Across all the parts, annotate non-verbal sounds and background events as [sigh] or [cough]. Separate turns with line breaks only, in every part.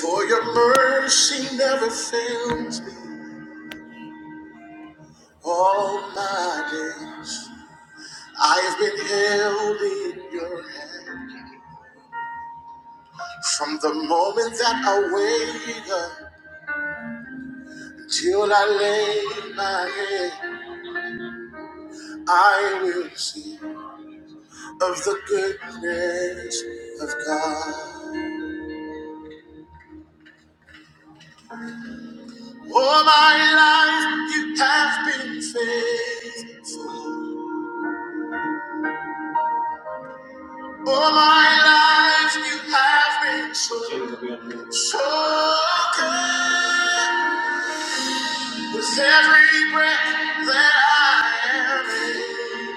For your mercy never fails me all my days. I have been held in your hand from the moment that I wake up till I lay my head. I will sing of the goodness of God. All my life you have been faithful. All my life you have been so, so good. With every breath that I am in,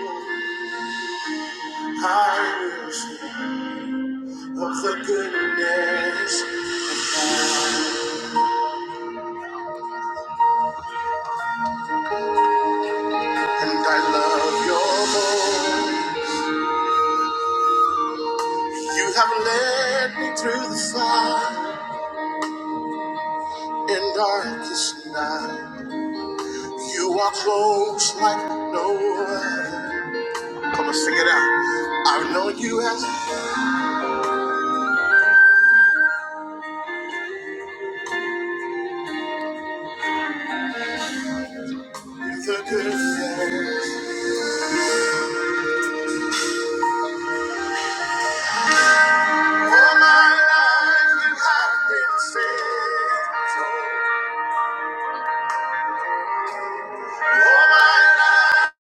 I will sing of the goodness. of God. And I love your voice. You have led me through the fire and darkest night. You are close like no other. Come on, sing it out. I've known you as It's a good thing. All my life you have been faithful. All my life,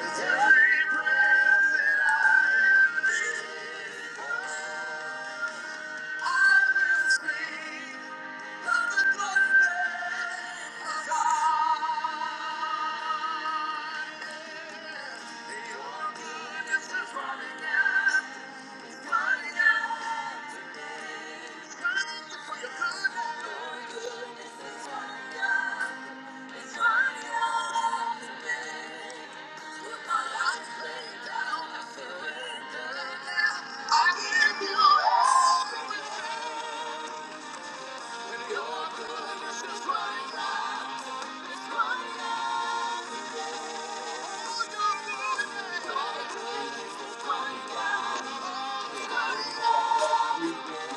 with every breath I will sing of the goodness of God. Your goodness is running out, is running out. today. Thank you.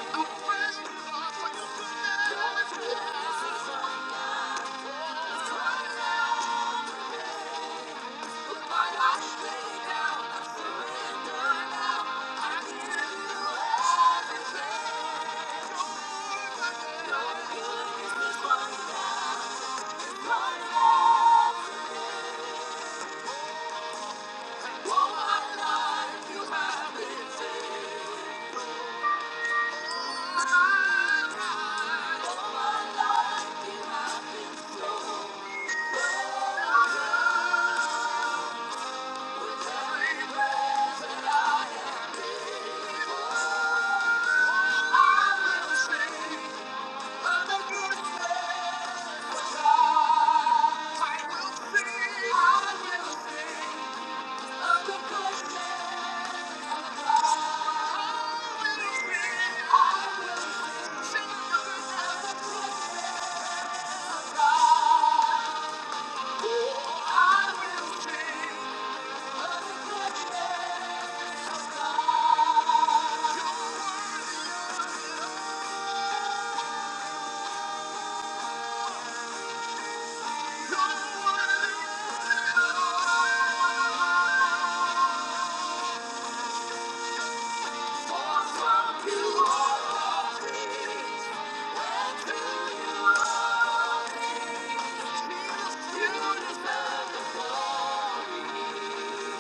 Thank you. have been Thank you. Thank you. deserve the glory.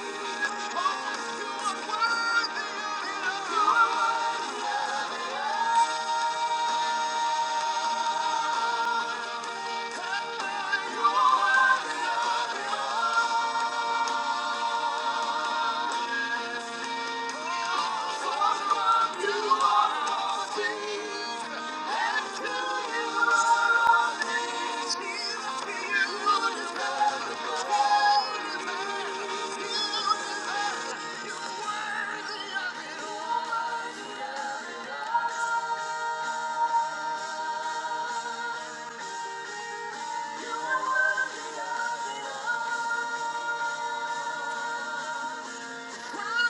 You are worthy of Thank you. Cry.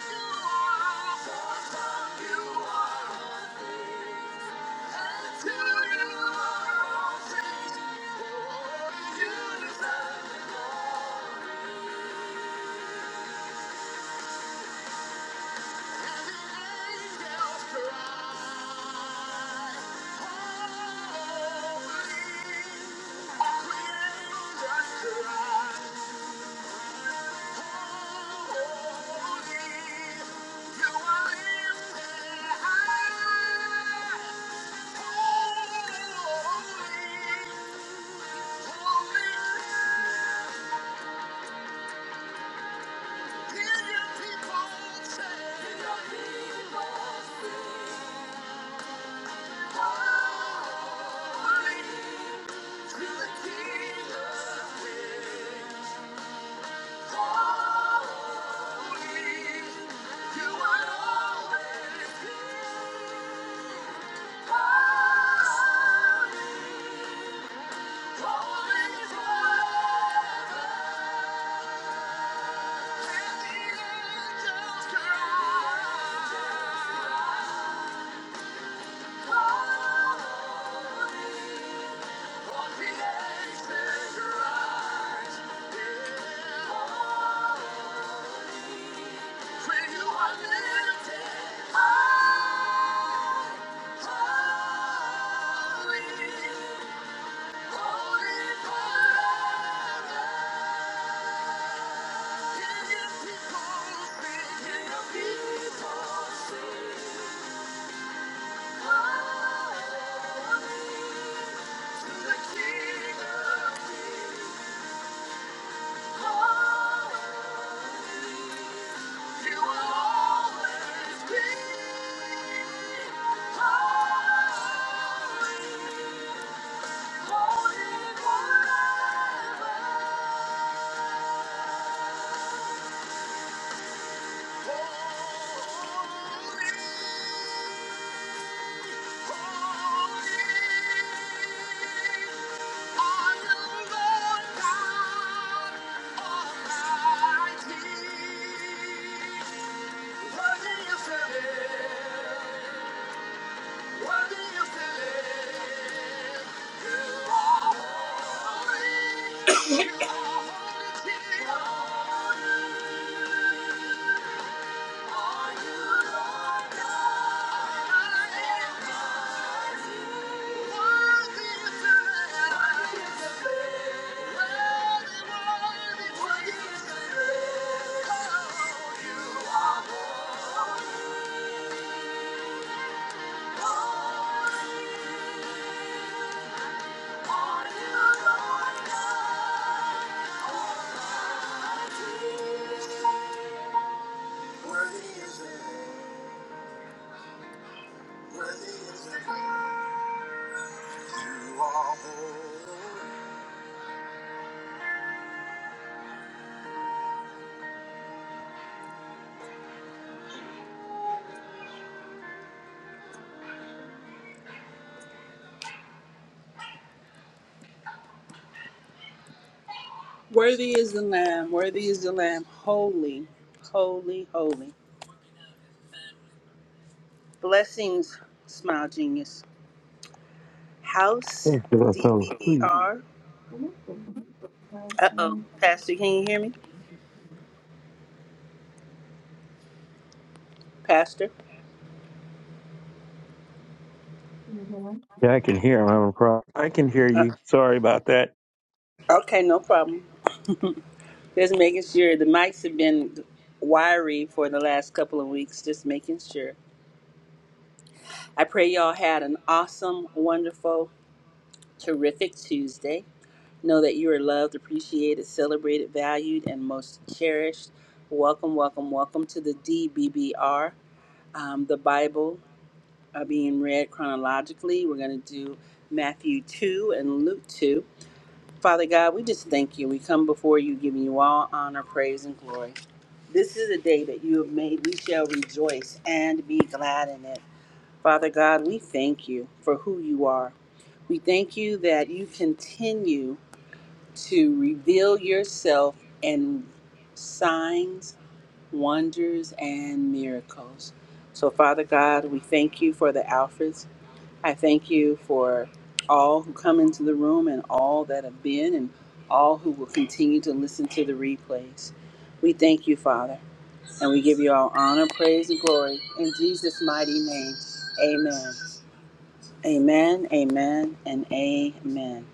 Thank you. When you are lifted high. Holy forever. Holy, Thank you. Worthy is the Lamb, worthy is the Lamb, holy, holy, holy. Blessings, Smile Genius. House
Thank you, I fell asleep.
DBER. Uh oh. Pastor, can you hear me? Pastor?
Yeah, I can hear him. I'm a pro- I can hear
Uh,
you. Sorry about that.
okay, no problem. [laughs] just making sure the mics have been wiry for the last couple of weeks. Just making sure. I pray y'all had an awesome, wonderful, terrific Tuesday. Know that you are loved, appreciated, celebrated, valued, and most cherished. Welcome, welcome, welcome to the DBBR, um, the Bible. are being read chronologically. We're going to do Matthew 2 and Luke 2. Father God, we just thank you. We come before you, giving you all honor, praise, and glory. This is a day that you have made. We shall rejoice and be glad in it. Father God, we thank you for who you are. We thank you that you continue to reveal yourself in signs, wonders, and miracles. So, Father God, we thank you for the Alphas. I thank you for all who come into the room and all that have been and all who will continue to listen to the replays. We thank you, Father, and we give you all honor, praise, and glory in Jesus' mighty name. Amen. Amen, amen, and amen.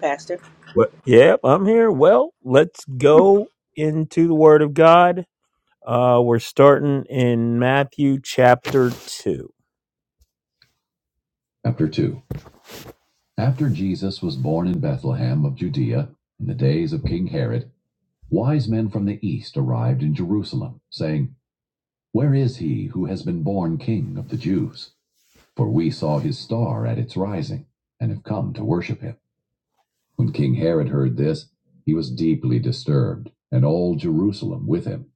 Pastor?
Well, yep, I'm here. Well, let's go into the Word of God. Uh, we're starting in Matthew chapter 2. Chapter 2. After Jesus was born in Bethlehem of Judea, in the days of King Herod, wise men from the east arrived in Jerusalem, saying, Where is he who has been born king of the Jews? For we saw his star at its rising, and have come to worship him. When King Herod heard this, he was deeply disturbed, and all Jerusalem with him.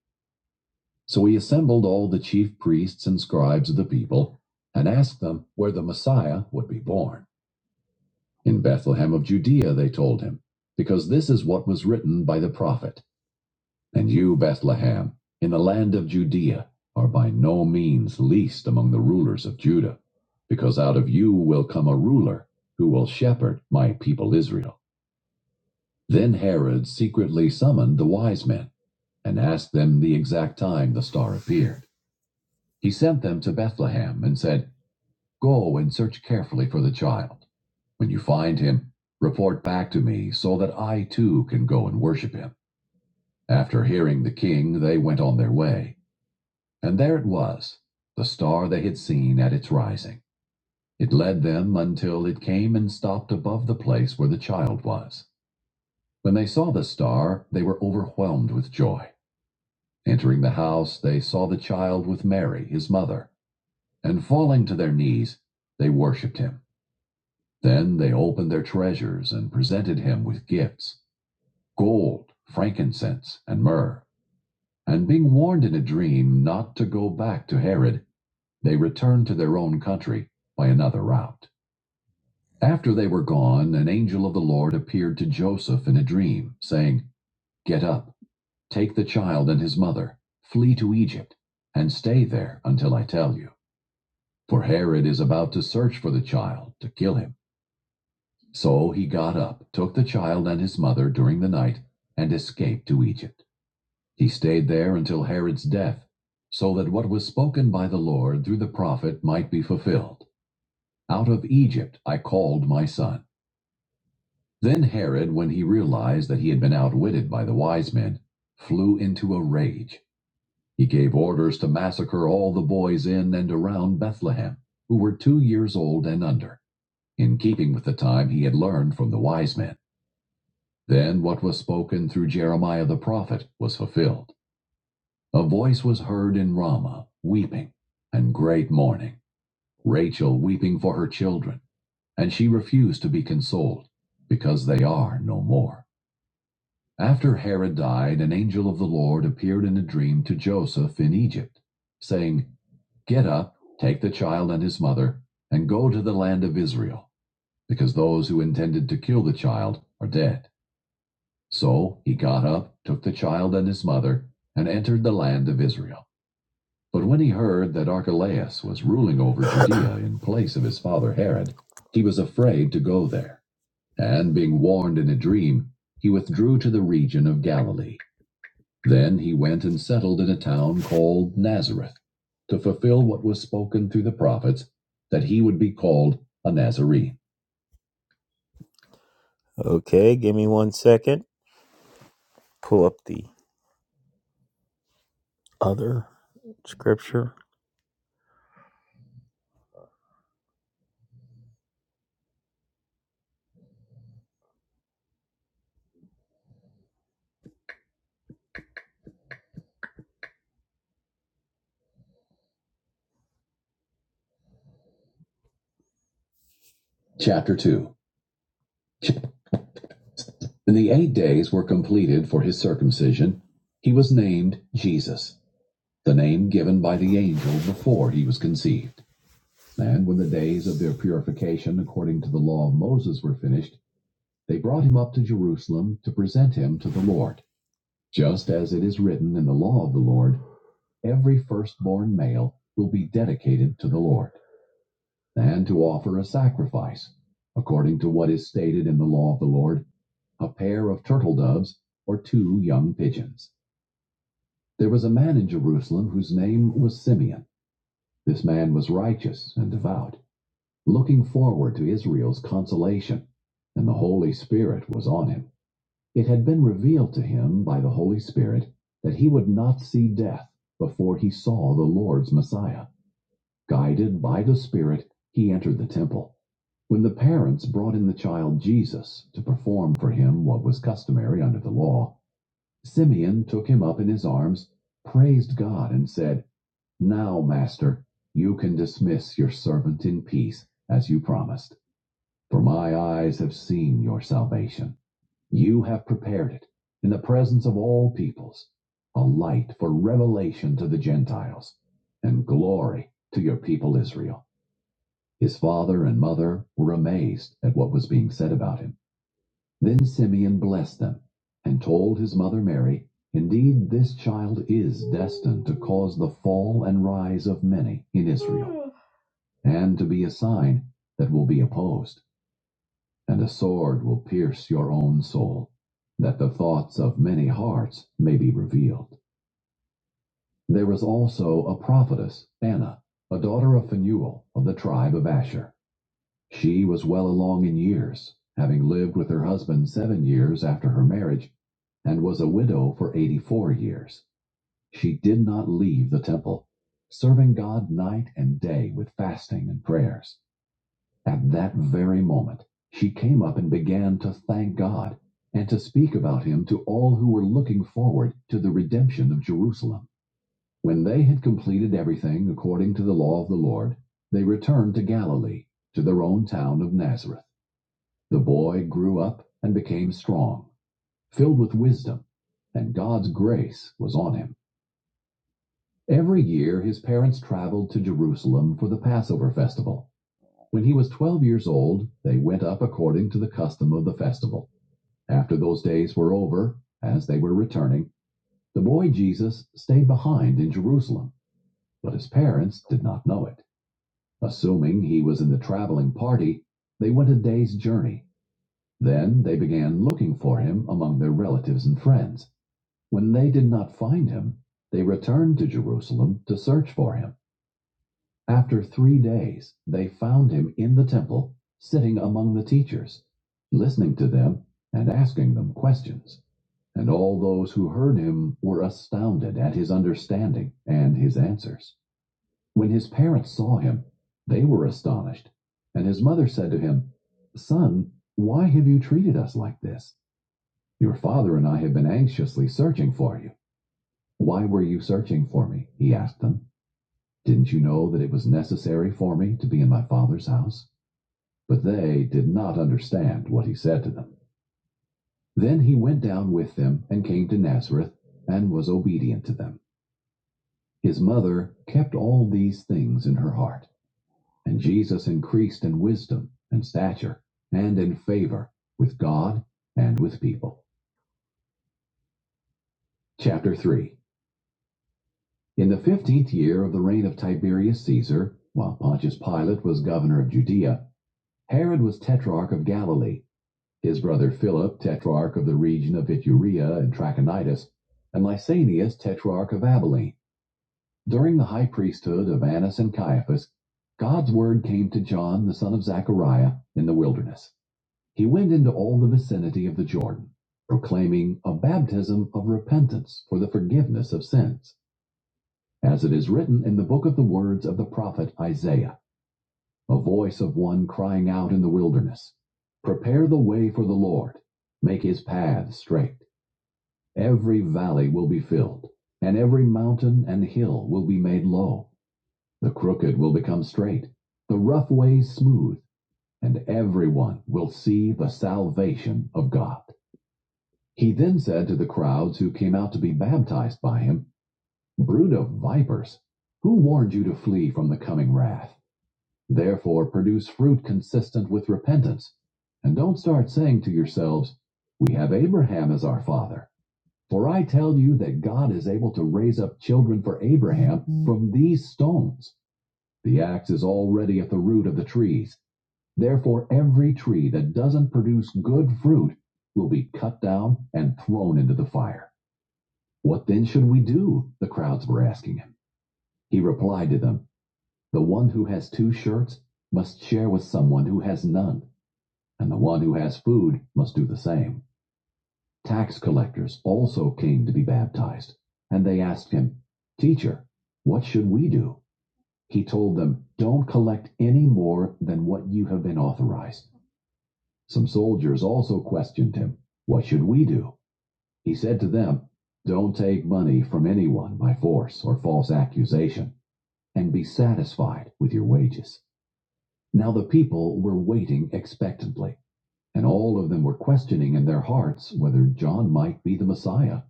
So he assembled all the chief priests and scribes of the people, and asked them where the Messiah would be born. In Bethlehem of Judea, they told him, because this is what was written by the prophet. And you, Bethlehem, in the land of Judea, are by no means least among the rulers of Judah, because out of you will come a ruler who will shepherd my people Israel. Then Herod secretly summoned the wise men and asked them the exact time the star appeared. He sent them to Bethlehem and said, Go and search carefully for the child. When you find him, report back to me so that I too can go and worship him. After hearing the king, they went on their way. And there it was, the star they had seen at its rising. It led them until it came and stopped above the place where the child was. When they saw the star, they were overwhelmed with joy. Entering the house, they saw the child with Mary, his mother, and falling to their knees, they worshipped him. Then they opened their treasures and presented him with gifts gold, frankincense, and myrrh. And being warned in a dream not to go back to Herod, They returned to their own country by another route. After they were gone, an angel of the Lord appeared to Joseph in a dream, saying, Get up, take the child and his mother, flee to Egypt, and stay there until I tell you. For Herod is about to search for the child to kill him. So he got up, took the child and his mother during the night, and escaped to Egypt. He stayed there until Herod's death, so that what was spoken by the Lord through the prophet might be fulfilled. Out of Egypt I called my son. Then Herod, when he realized that he had been outwitted by the wise men, flew into a rage. He gave orders to massacre all the boys in and around Bethlehem, who were two years old and under, in keeping with the time he had learned from the wise men. Then what was spoken through Jeremiah the prophet was fulfilled. A voice was heard in Ramah, weeping, and great mourning, Rachel weeping for her children And she refused to be consoled, because they are no more. After Herod died, an angel of the Lord appeared in a dream to Joseph in Egypt, saying, Get up, take the child and his mother, and go to the land of Israel, because those who intended to kill the child are dead. So he got up, took the child and his mother, and entered the land of Israel. But when he heard that Archelaus was ruling over Judea in place of his father Herod, he was afraid to go there. And being warned in a dream, he withdrew to the region of Galilee. Then he went and settled in a town called Nazareth to fulfill what was spoken through the prophets that he would be called a Nazarene. Okay, give me one second. Pull up the other scripture. Chapter 2 When the eight days were completed for his circumcision, he was named Jesus, the name given by the angel before he was conceived. And when the days of their purification according to the law of Moses were finished, they brought him up to Jerusalem to present him to the Lord. Just as it is written in the law of the Lord, every firstborn male will be dedicated to the Lord, and to offer a sacrifice, according to what is stated in the law of the Lord, a pair of turtle doves or two young pigeons. There was a man in Jerusalem whose name was Simeon. This man was righteous and devout looking forward to Israel's consolation, and the Holy Spirit was on him. It had been revealed to him by the Holy Spirit that he would not see death before he saw the Lord's Messiah. Guided by the Spirit, he entered the temple. When the parents brought in the child Jesus to perform for him what was customary under the law, Simeon took him up in his arms, praised God, and said, Now, Master, you can dismiss your servant in peace, as you promised. For my eyes have seen your salvation. You have prepared it in the presence of all peoples, a light for revelation to the Gentiles, and glory to your people Israel. His father and mother were amazed at what was being said about him. Then Simeon blessed them and told his mother Mary, Indeed, this child is destined to cause the fall and rise of many in Israel, and to be a sign that will be opposed and a sword will pierce your own soul, that the thoughts of many hearts may be revealed. There was also a prophetess, Anna, a daughter of Phanuel of the tribe of Asher. She was well along in years, having lived with her husband seven years after her marriage, and was a widow for 84 years. She did not leave the temple, serving God night and day with fasting and prayers. At that very moment, she came up and began to thank God and to speak about him to all who were looking forward to the redemption of Jerusalem. When they had completed everything according to the law of the Lord, they returned to Galilee, to their own town of Nazareth. The boy grew up and became strong, filled with wisdom, and God's grace was on him. Every year, his parents traveled to Jerusalem for the Passover festival. When he was twelve years old they went up according to the custom of the festival. After those days were over, as they were returning, the boy Jesus stayed behind in Jerusalem, but his parents did not know it. Assuming he was in the traveling party, they went a day's journey. Then they began looking for him among their relatives and friends. When they did not find him, they returned to Jerusalem to search for him. After three days, they found him in the temple, sitting among the teachers, listening to them and asking them questions. And all those who heard him were astounded at his understanding and his answers. When his parents saw him, they were astonished. And his mother said to him, Son, why have you treated us like this? Your father and I have been anxiously searching for you. Why were you searching for me? He asked them. Didn't you know that it was necessary for me to be in my father's house? But they did not understand what he said to them. Then he went down with them and came to Nazareth and was obedient to them. His mother kept all these things in her heart, and Jesus increased in wisdom and stature and in favor with God and with people. Chapter 3 In the fifteenth year of the reign of Tiberius Caesar, while Pontius Pilate was governor of Judea, Herod was tetrarch of Galilee His brother Philip, tetrarch of the region of Iturea and Trachonitis, and Lysanias, tetrarch of Abilene. During the high priesthood of Annas and Caiaphas, God's word came to John, the son of Zechariah, in the wilderness. He went into all the vicinity of the Jordan, proclaiming a baptism of repentance for the forgiveness of sins, as it is written in the book of the words of the prophet Isaiah a voice of one crying out in the wilderness, Prepare the way for the Lord, make his path straight. Every valley will be filled, and every mountain and hill will be made low. The crooked will become straight, the rough ways smooth, and everyone will see the salvation of God. He then said to the crowds who came out to be baptized by him, Brood of vipers, who warned you to flee from the coming wrath? Therefore, produce fruit consistent with repentance. And don't start saying to yourselves, We have Abraham as our father. For I tell you that God is able to raise up children for Abraham from these stones. The axe is already at the root of the trees. Therefore, every tree that doesn't produce good fruit will be cut down and thrown into the fire. What then should we do? The crowds were asking him. He replied to them, The one who has two shirts must share with someone who has none. and the one who has food must do the same. Tax collectors also came to be baptized, and they asked him, Teacher, what should we do? He told them, Don't collect any more than what you have been authorized. Some soldiers also questioned him, What should we do? He said to them, Don't take money from anyone by force or false accusation, and be satisfied with your wages. Now the people were waiting expectantly. And all of them were questioning in their hearts whether John might be the Messiah.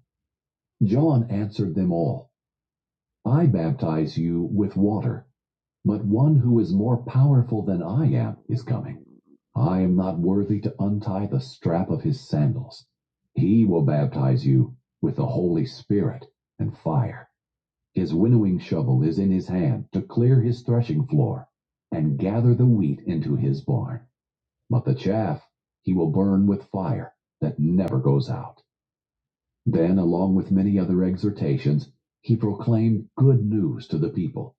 John answered them all I baptize you with water, but one who is more powerful than I am is coming. I am not worthy to untie the strap of his sandals. He will baptize you with the Holy Spirit and fire. His winnowing shovel is in his hand to clear his threshing floor and gather the wheat into his barn. But the chaff he will burn with fire that never goes out. Then, along with many other exhortations, he proclaimed good news to the people.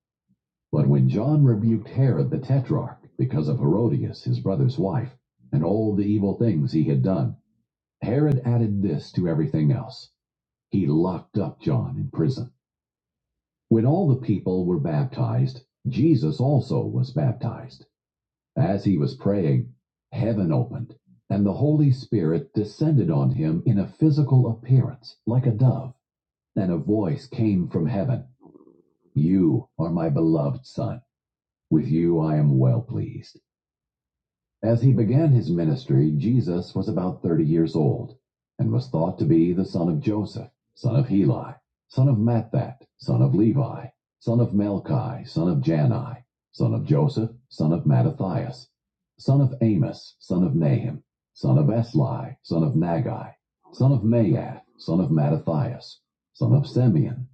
But when John rebuked Herod the tetrarch because of Herodias, his brother's wife, and all the evil things he had done, Herod added this to everything else. He locked up John in prison. When all the people were baptized, Jesus also was baptized. As he was praying, heaven opened, and the Holy Spirit descended on him in a physical appearance like a dove, and a voice came from heaven You are my beloved Son. With you I am well pleased. As he began his ministry, Jesus was about 30 years old and was thought to be the son of Joseph, son of Heli, son of Matthat, son of Levi, son of Melchi, son of Janai, son of Joseph, son of Mattathias, son of Amos, son of Nahum, son of Esli, son of Nagai, son of Maath, son of Mattathias, son of Simeon,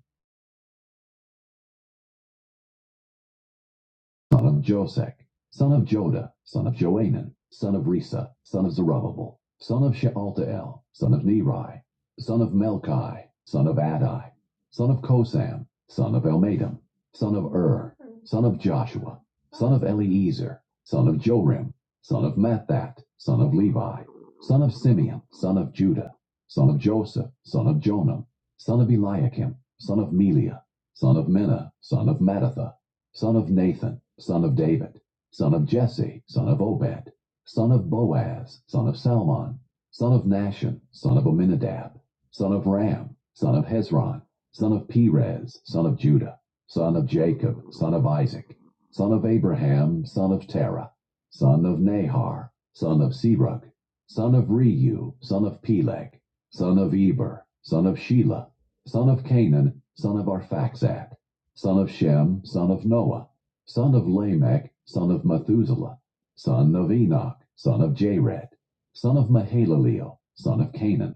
son of Josek, son of Joda, son of Joanan, son of Risa, son of Zerubbabel, son of Shealtiel, son of Neri, son of Melchi, son of Adai, son of Kosam, son of Elmadam, son of Ur, son of Joshua, son of Eliezer, son of Jorim, son of Mathat, son of Levi, son of Simeon, son of Judah, son of Joseph, son of Jonah, son of Eliakim, son of Melia, son of Menah, son of Mattatha, son of Nathan, son of David, son of Jesse, son of Obed, son of Boaz, son of Salmon, son of Nashon, son of Amminadab, son of Ram, son of Hezron, son of Perez, son of Judah, son of Jacob, son of Isaac, son of Abraham, son of Terah, son of Nahar, son of Serug, son of Reu, son of Peleg, son of Eber, son of Shelah, son of Canaan, son of Arphaxad, son of Shem, son of Noah, son of Lamech, son of Methuselah, son of Enoch, son of Jared, son of Mahalaleel, son of Canaan,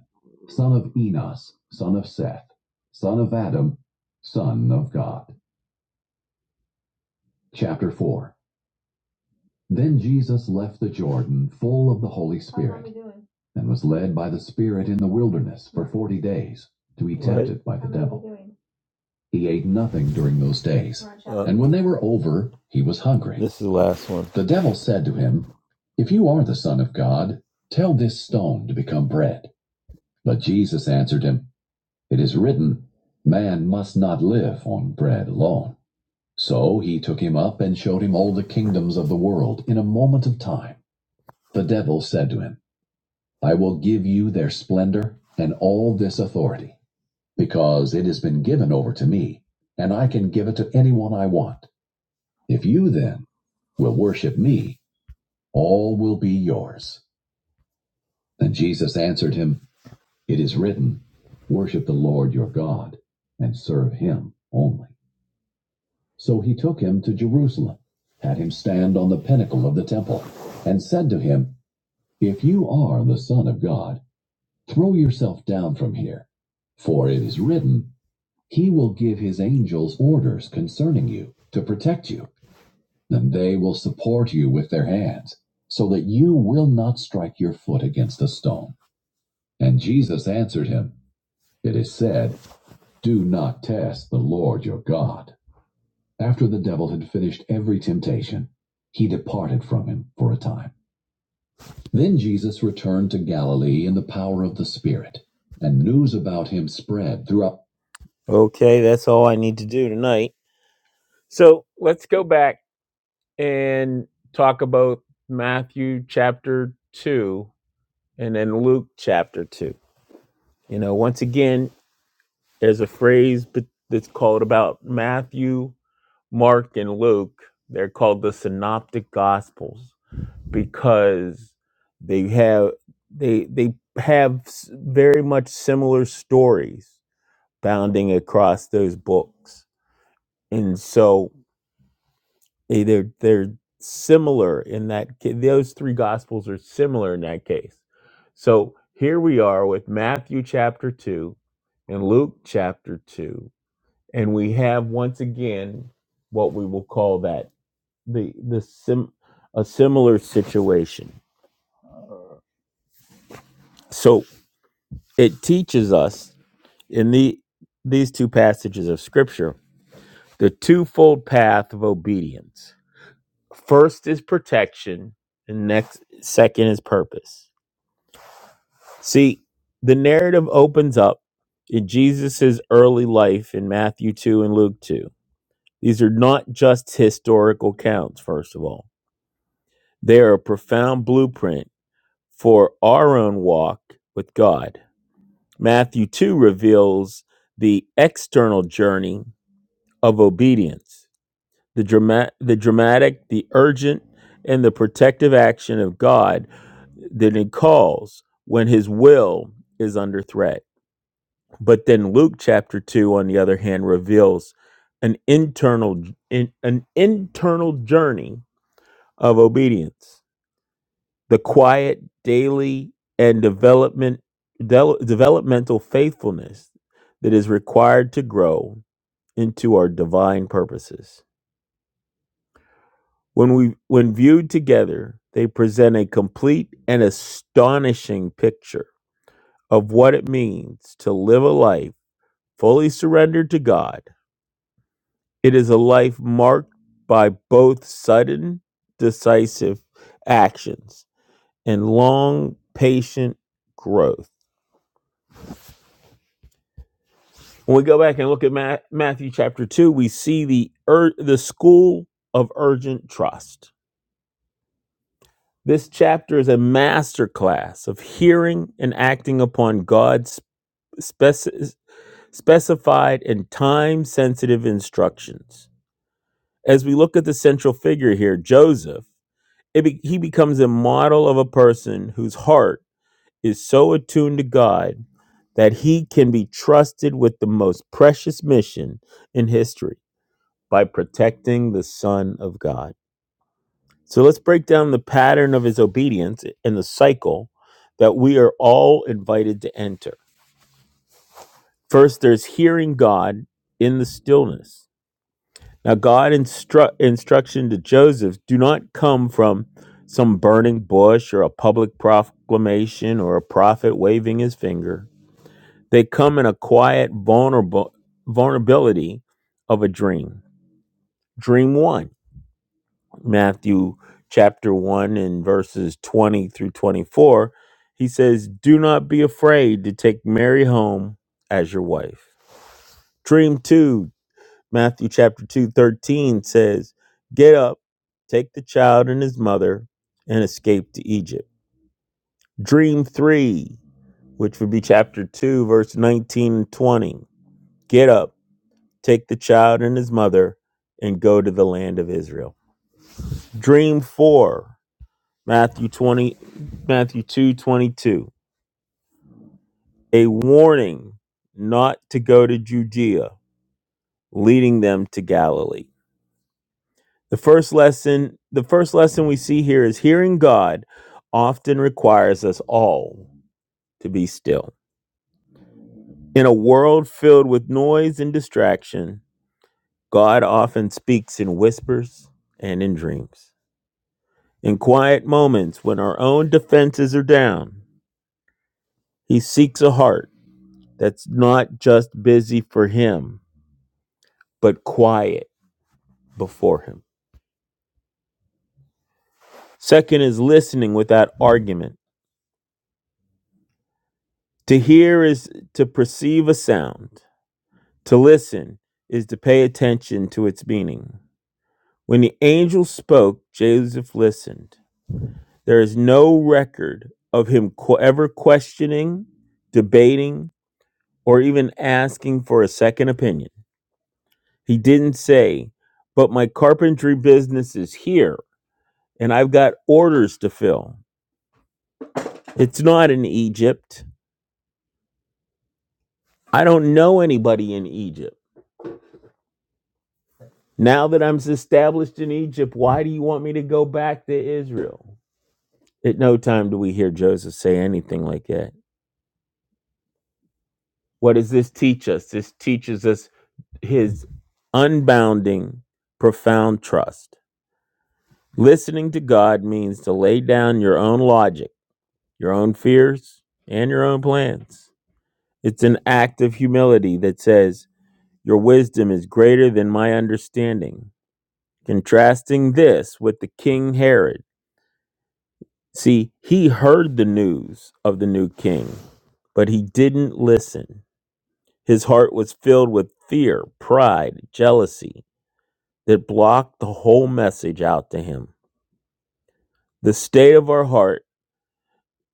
son of Enos, son of Seth, son of Adam, son of God. Chapter 4 Then Jesus left the Jordan full of the Holy Spirit and was led by the Spirit in the wilderness for forty days to be tempted by He ate nothing during those days. And when they were over, he was hungry. This is the last one. The devil said to him, If you are the Son of God, tell this stone to become bread. But Jesus answered him, It is written, Man must not live on bread alone. So he took him up and showed him all the kingdoms of the world in a moment of time. The devil said to him, I will give you their splendor and all this authority because it has been given over to me, and I can give it to anyone I want. If you then will worship me, all will be yours. And Jesus answered him, It is written, Worship the Lord your God, and serve him only. So he took him to Jerusalem, had him stand on the pinnacle of the temple, and said to him, If you are the Son of God, throw yourself down from here, for it is written, He will give his angels orders concerning you to protect you, and they will support you with their hands, so that you will not strike your foot against a stone. And Jesus answered him, It is said, Do not test the Lord your God. After the devil had finished every temptation, he departed from him for a time. Then Jesus returned to Galilee in the power of the Spirit, and news about him spread throughout. Okay, that's all I need to do tonight. So let's go back and talk about Matthew chapter 2 and then Luke chapter 2. You know, once again, there's a phrase that's called about Matthew, Mark, and Luke. They're called the synoptic gospels because they have they they have very much similar stories bounding across those books. And so They- They're they're similar in that ca- those three gospels are similar in that case. So here we are with Matthew chapter two and Luke chapter two, and we have once again what we will call that the the sim a similar situation. So it teaches us in the these two passages of scripture the twofold path of obedience. First is protection, and next second is purpose. See, the narrative opens up in Jesus' early life in Matthew 2 and Luke 2. These are not just historical counts, first of all, they are a profound blueprint for our own walk with God. Matthew 2 reveals the external journey of obedience, the, drama- the dramatic, the urgent, and the protective action of God that it calls when his will is under threat. But then Luke chapter 2 on the other hand reveals an internal in, an internal journey of obedience. The quiet daily and development del- developmental faithfulness that is required to grow into our divine purposes. When we when viewed together, they present a complete and astonishing picture of what it means to live a life fully surrendered to God It is a life marked by both sudden, decisive actions and long, patient growth. When we go back and look at Ma- Matthew chapter 2, we see the, ur- the school of urgent trust. This chapter is a masterclass of hearing and acting upon God's speci- specified and time sensitive instructions. As we look at the central figure here, Joseph, It be, he becomes a model of a person whose heart is so attuned to God that he can be trusted with the most precious mission in history by protecting the Son of God. So let's break down the pattern of his obedience and the cycle that we are all invited to enter. First, there's hearing God in the stillness. Now, God instru- instruction to Joseph do not come from some burning bush or a public proclamation or a prophet waving his finger. They come in a quiet vulnerable vulnerability of a dream. Dream one, Matthew chapter one and verses twenty through twenty-four. He says, "Do not be afraid to take Mary home as your wife." Dream two, Matthew chapter 2 13 says, Get up, take the child and his mother, and escape to Egypt. Dream 3, which would be chapter 2, verse 19 and 20. Get up, take the child and his mother, and go to the land of Israel. Dream 4, Matthew 20, Matthew 2 22, A warning not to go to Judea, leading them to Galilee. The first lesson, the first lesson we see here is hearing God often requires us all to be still. In a world filled with noise and distraction, God often speaks in whispers and in dreams. In quiet moments when our own defenses are down, he seeks a heart that's not just busy for him, but quiet before him. Second is listening without argument. To hear is to perceive a sound. To listen is to pay attention to its meaning. When the angel spoke, Joseph listened. There is no record of him qu- ever questioning, debating, or even asking for a second opinion. He didn't say, But my carpentry business is here and I've got orders to fill. It's not in Egypt. I don't know anybody in Egypt. Now that I'm established in Egypt, why do you want me to go back to Israel? At no time do we hear Joseph say anything like that. What does this teach us? This teaches us his unbounding, profound trust. Listening to God means to lay down your own logic, your own fears, and your own plans. It's an act of humility that says, Your wisdom is greater than my understanding. Contrasting this with the King Herod. See, he heard the news of the new king, but he didn't listen. His heart was filled with fear, pride, jealousy that blocked the whole message out to him. The state of our heart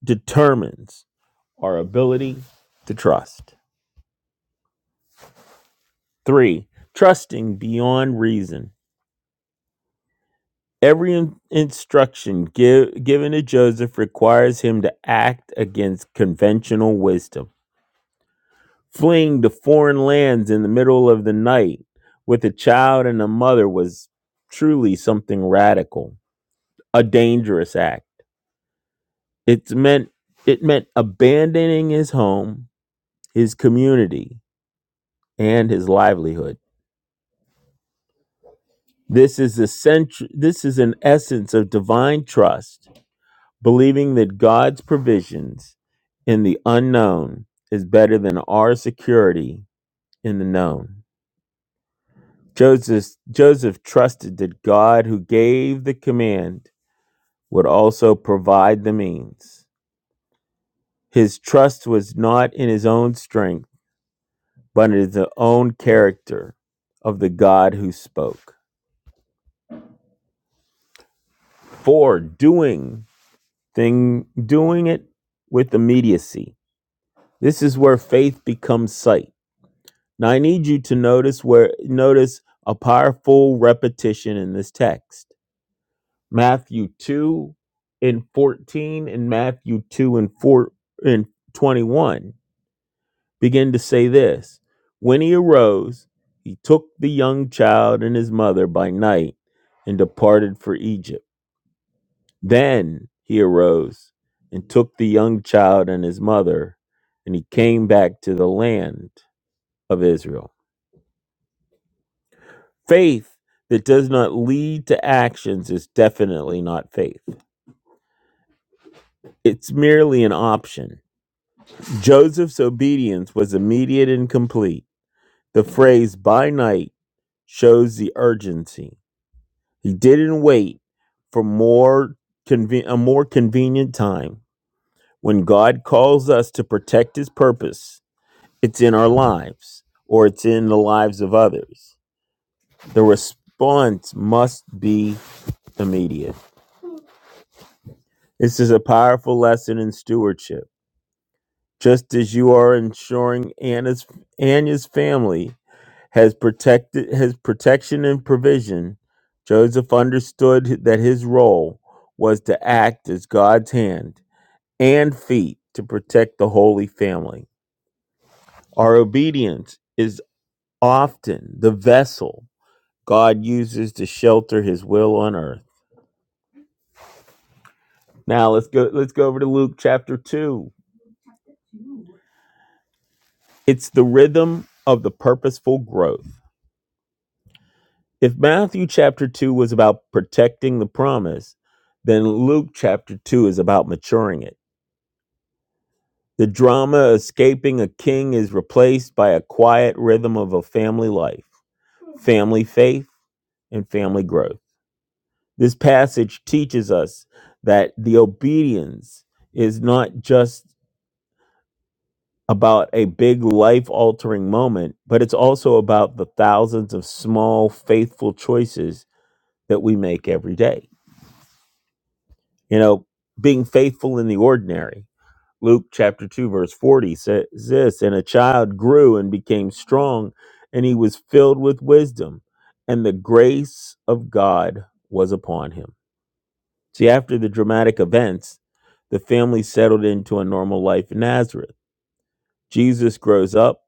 determines our ability to trust. Three, trusting beyond reason. Every in- instruction give, given to Joseph requires him to act against conventional wisdom. Fleeing to foreign lands in the middle of the night with a child and a mother was truly something radical. a dangerous act. It's meant it meant abandoning his home, his community, and his livelihood. This is essential this is an essence of divine trust, believing that God's provisions in the unknown is better than our security in the known. Joseph Joseph trusted that God who gave the command would also provide the means. His trust was not in his own strength but it is the own character of the God who spoke. Four, doing thing doing it with immediacy. This is where faith becomes sight. Now I need you to notice where notice a powerful repetition in this text. Matthew 2 and 14 and Matthew 2 and 4 and 21 began to say this When he arose, he took the young child and his mother by night and departed for Egypt. Then he arose and took the young child and his mother, and he came back to the land of Israel. Faith that does not lead to actions is definitely not faith, it's merely an option. Joseph's obedience was immediate and complete. The phrase by night shows the urgency. He didn't wait for more conven- a more convenient time. When God calls us to protect his purpose, it's in our lives or it's in the lives of others. The response must be immediate. This is a powerful lesson in stewardship. Just as you are ensuring Anna's Anya's family has protected has protection and provision, Joseph understood that his role was to act as God's hand and feet to protect the Holy Family. Our obedience is often the vessel God uses to shelter his will on earth. Now let's go let's go over to Luke chapter 2. It's the rhythm of the purposeful growth. If Matthew chapter 2 was about protecting the promise, then Luke chapter 2 is about maturing it. The drama escaping a king is replaced by a quiet rhythm of a family life, family faith, and family growth. This passage teaches us that the obedience is not just about a big life altering moment, but it's also about the thousands of small, faithful choices that we make every day. You know, being faithful in the ordinary. Luke chapter 2, verse 40 says this And a child grew and became strong, and he was filled with wisdom, and the grace of God was upon him See, after the dramatic events, the family settled into a normal life in Nazareth. Jesus grows up.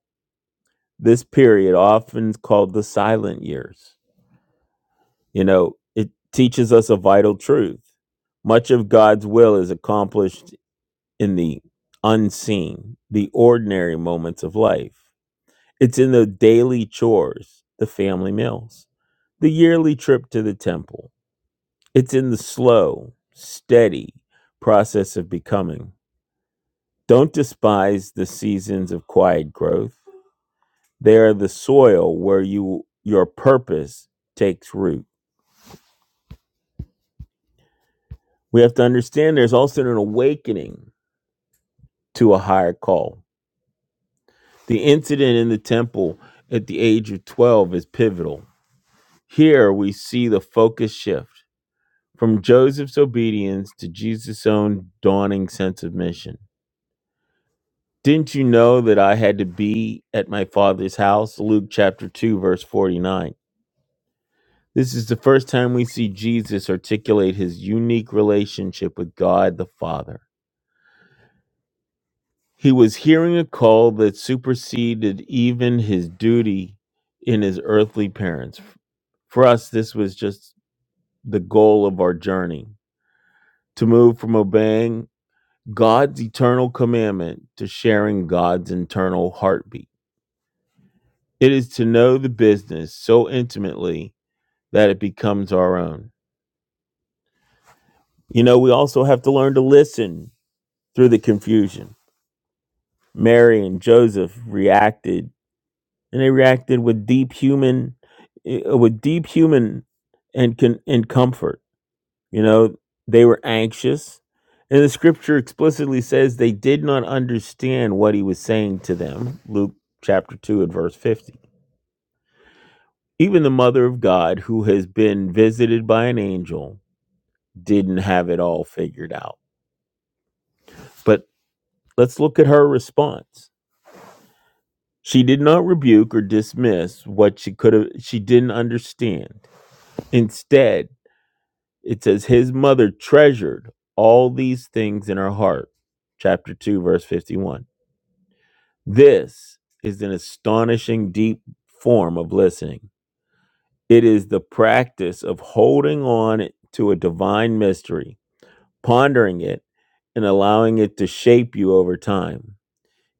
This period, often called the silent years, you know, it teaches us a vital truth. Much of God's will is accomplished in the unseen, the ordinary moments of life. It's in the daily chores, the family meals, the yearly trip to the temple. It's in the slow, steady process of becoming. Don't despise the seasons of quiet growth. They are the soil where you your purpose takes root. We have to understand there's also an awakening to a higher call. The incident in the temple at the age of 12 is pivotal. Here we see the focus shift from Joseph's obedience to Jesus' own dawning sense of mission. Didn't you know that I had to be at my father's house? Luke chapter 2, verse 49 This is the first time we see Jesus articulate his unique relationship with God the Father. He was hearing a call that superseded even his duty in his earthly parents. For us, this was just the goal of our journey to move from obeying God's eternal commandment to sharing God's internal heartbeat. It is to know the business so intimately that it becomes our own. You know, we also have to learn to listen through the confusion Mary and Joseph reacted, and they reacted with deep human, eh, with deep human, and con, and comfort. You know, they were anxious, and the scripture explicitly says they did not understand what he was saying to them. Luke chapter two and verse fifty. Even the mother of God, who has been visited by an angel, didn't have it all figured out. But let's look at her response. She did not rebuke or dismiss what she could have she didn't understand. Instead, it says his mother treasured all these things in her heart. Chapter 2 verse 51. This is an astonishing deep form of listening. It is the practice of holding on to a divine mystery, pondering it and allowing it to shape you over time,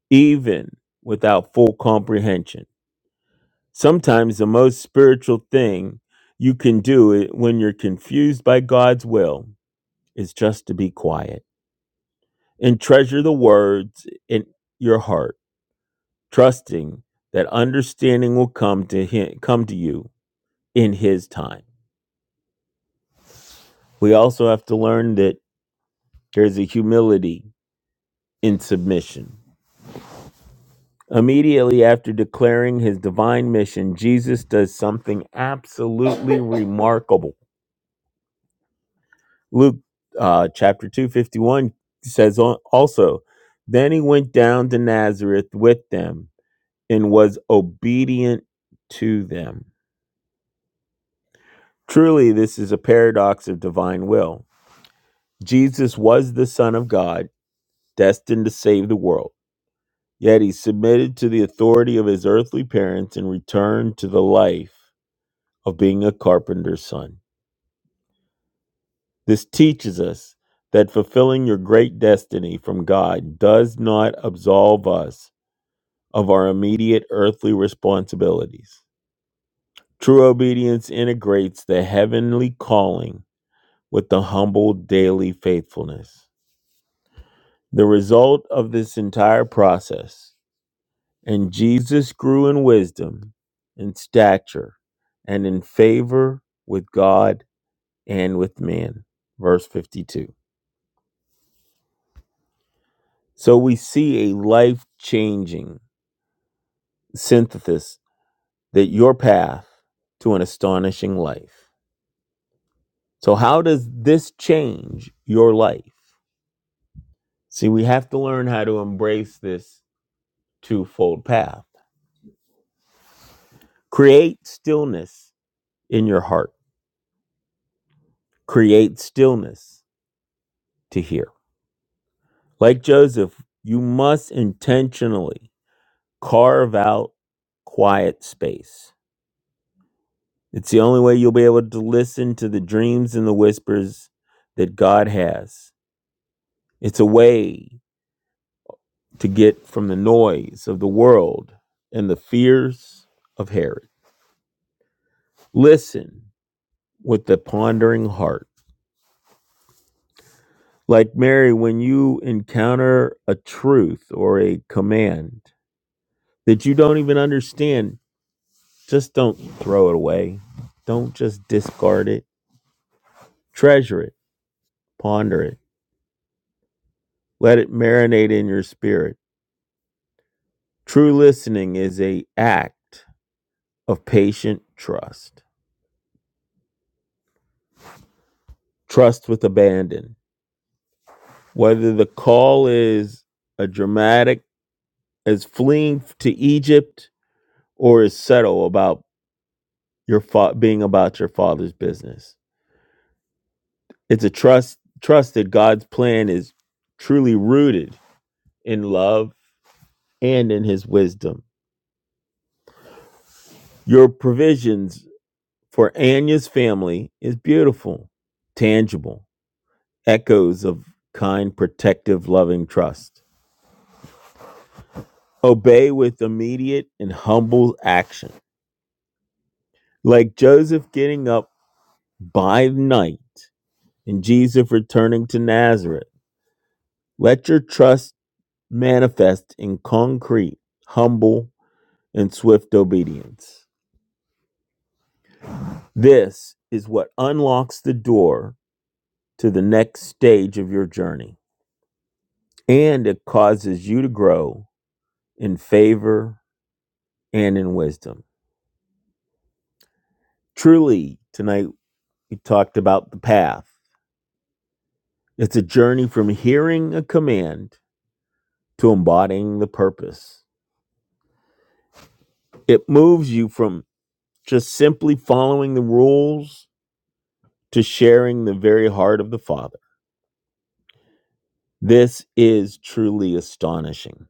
even without full comprehension. Sometimes the most spiritual thing you can do when you're confused by God's will is just to be quiet and treasure the words in your heart, trusting that understanding will come to him, come to you in his time. We also have to learn that there's a humility in submission. Immediately after declaring his divine mission, Jesus does something absolutely [laughs] remarkable. Luke uh, chapter 2 51 says also, Then he went down to Nazareth with them and was obedient to them. Truly, this is a paradox of divine will. Jesus was the Son of God, destined to save the world, yet he submitted to the authority of his earthly parents and returned to the life of being a carpenter's son. This teaches us that fulfilling your great destiny from God does not absolve us of our immediate earthly responsibilities. True obedience integrates the heavenly calling with the humble daily faithfulness. The result of this entire process, and Jesus grew in wisdom, in stature, and in favor with God and with men. Verse 52. So we see a life changing synthesis that your path to an astonishing life. So, how does this change your life? See, we have to learn how to embrace this twofold path. Create stillness in your heart, create stillness to hear. Like Joseph, you must intentionally carve out quiet space. It's the only way you'll be able to listen to the dreams and the whispers that God has. It's a way to get from the noise of the world and the fears of Herod. Listen with the pondering heart. Like Mary, when you encounter a truth or a command that you don't even understand, just don't throw it away. Don't just discard it. Treasure it, ponder it, let it marinate in your spirit. True listening is a act of patient trust. Trust with abandon whether the call is a dramatic as fleeing to Egypt or is settle about your fa- being about your father's business. It's a trust trust that God's plan is truly rooted in love and in his wisdom. Your provisions for Anya's family is beautiful, tangible, echoes of kind, protective, loving trust. Obey with immediate and humble action. Like Joseph getting up by night in Jesus returning to Nazareth. Let your trust manifest in concrete, humble, and swift obedience. This is what unlocks the door to the next stage of your journey, and it causes you to grow in favor and in wisdom. Truly, tonight we talked about the path. It's a journey from hearing a command to embodying the purpose. It moves you from just simply following the rules to sharing the very heart of the Father. This is truly astonishing.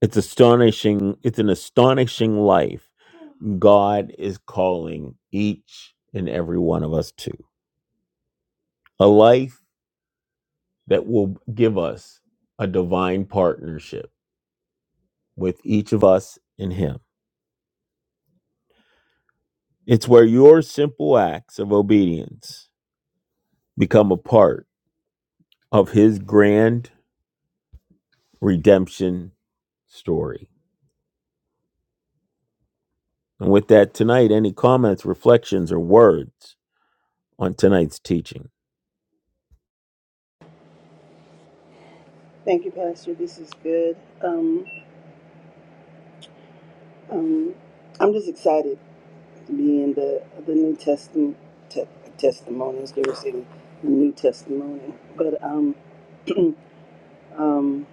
It's astonishing. It's an astonishing life God is calling each and every one of us to. A life that will give us a divine partnership with each of us in Him. It's where your simple acts of obedience become a part of His grand redemption story. And with that, tonight, any comments, reflections, or words on tonight's teaching?
Thank you, Pastor. This is good. Um, um, I'm just excited to be in the the New Testament te- testimonies. They were saying the New Testimony, but um, um,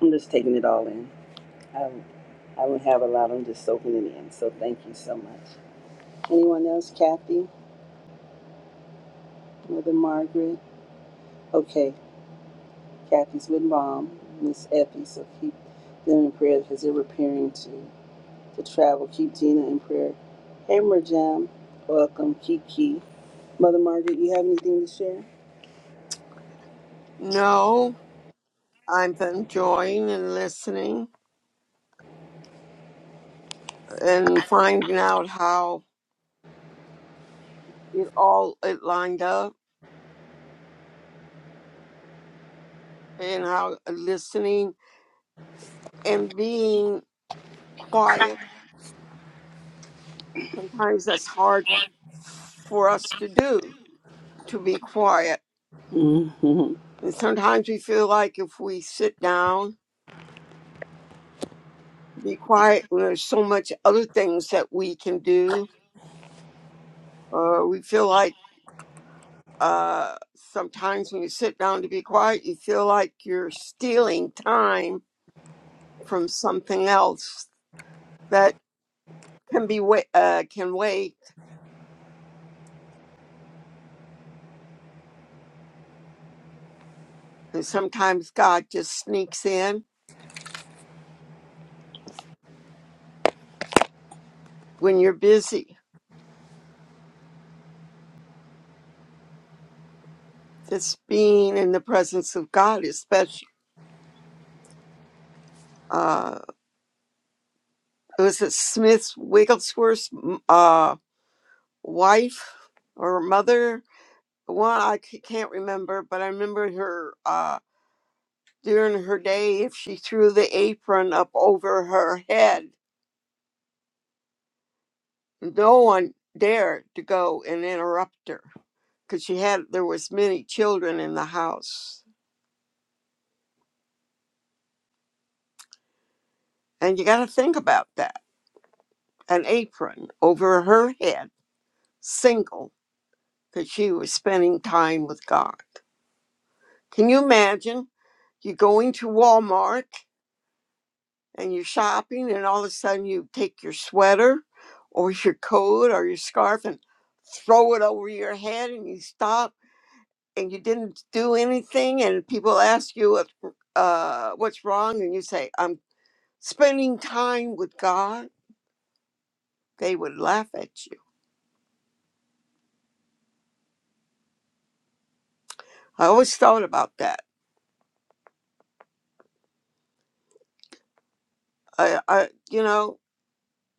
I'm just taking it all in. I, I don't have a lot. I'm just soaking it in. So thank you so much. Anyone else? Kathy, Mother Margaret. Okay, Kathy's with mom, Miss Effie. So keep them in prayer because they're preparing to to travel. Keep Gina in prayer. Hey, Merjam, welcome, Kiki. Mother Margaret, you have anything to share?
No, I'm enjoying and listening and finding out how it all it lined up and how uh, listening and being quiet. Sometimes that's hard for us to do to be quiet.
hmm
And sometimes we feel like if we sit down, be quiet, there's so much other things that we can do. Or we feel like uh, sometimes when you sit down to be quiet, you feel like you're stealing time from something else that can be wa- uh, can wait. And sometimes God just sneaks in when you're busy. Just being in the presence of God, especially uh, it was it Smith Wigglesworth's uh, wife or mother. One I c- can't remember, but I remember her uh, during her day. If she threw the apron up over her head, no one dared to go and interrupt her because she had there was many children in the house and you got to think about that an apron over her head single because she was spending time with god can you imagine you are going to walmart and you're shopping and all of a sudden you take your sweater or your coat or your scarf and throw it over your head and you stop and you didn't do anything and people ask you if, uh, what's wrong and you say i'm spending time with God, they would laugh at you. I always thought about that. I, I you know,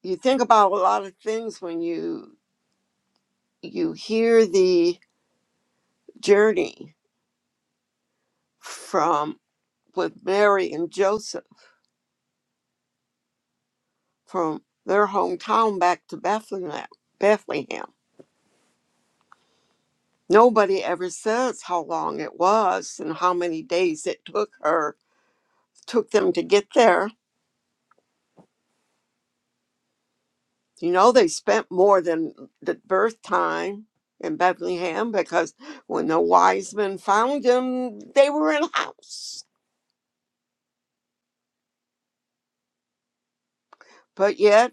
you think about a lot of things when you you hear the journey from with Mary and Joseph from their hometown back to Bethlehem. Bethlehem. Nobody ever says how long it was and how many days it took her took them to get there You know, they spent more than the birth time in Bethlehem because when the wise men found him, they were in a house. But yet,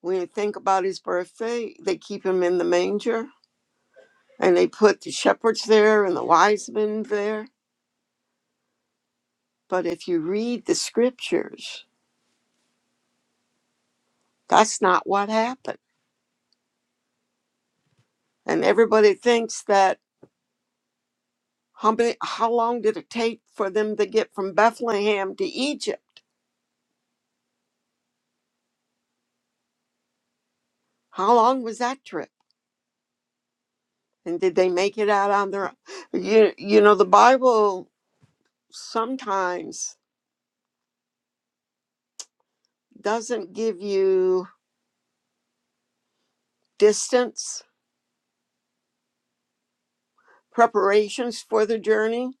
when you think about his birthday, they keep him in the manger and they put the shepherds there and the wise men there. But if you read the scriptures, that's not what happened. And everybody thinks that how, many, how long did it take for them to get from Bethlehem to Egypt? How long was that trip? And did they make it out on their you you know the Bible sometimes doesn't give you distance, preparations for the journey,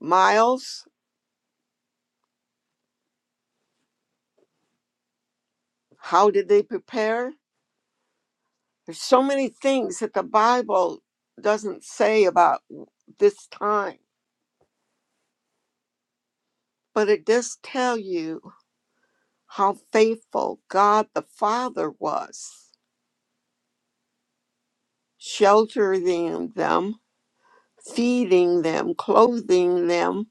miles, how did they prepare? There's so many things that the Bible doesn't say about this time, but it does tell you how faithful God the Father was, sheltering them, feeding them, clothing them,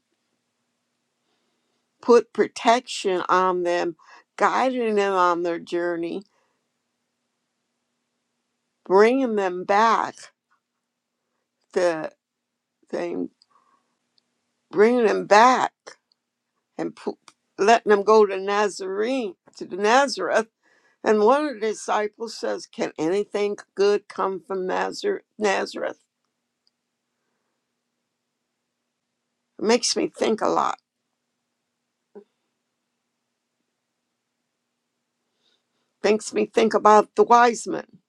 put protection on them, guiding them on their journey, bringing them back the thing, bringing them back and pu- letting them go to Nazarene, to the Nazareth. And one of the disciples says, "Can anything good come from Nazareth?" Nazareth makes me think a lot. Makes me think about the wise men.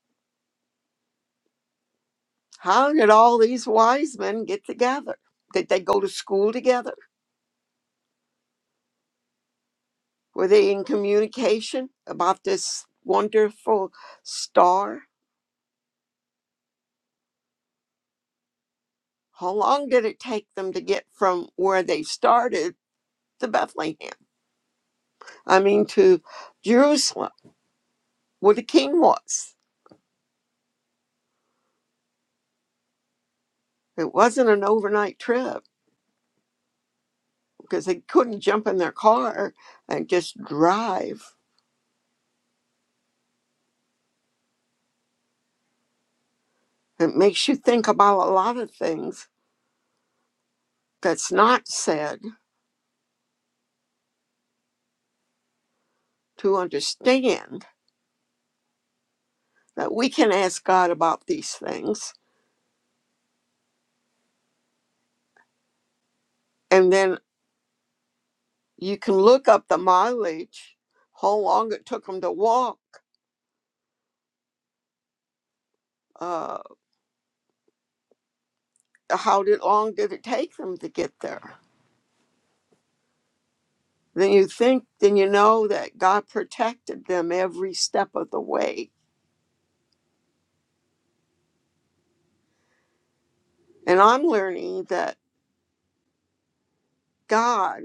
How did all these wise men get together? Did they go to school together? Were they in communication about this wonderful star? How long did it take them to get from where they started to Bethlehem? I mean, to Jerusalem, where the king was. It wasn't an overnight trip because they couldn't jump in their car and just drive. It makes you think about a lot of things that's not said to understand that we can ask God about these things. And then You can look up the mileage, how long it took them to walk, uh, how did, long did it take them to get there. Then you think, then you know that God protected them every step of the way. And I'm learning that God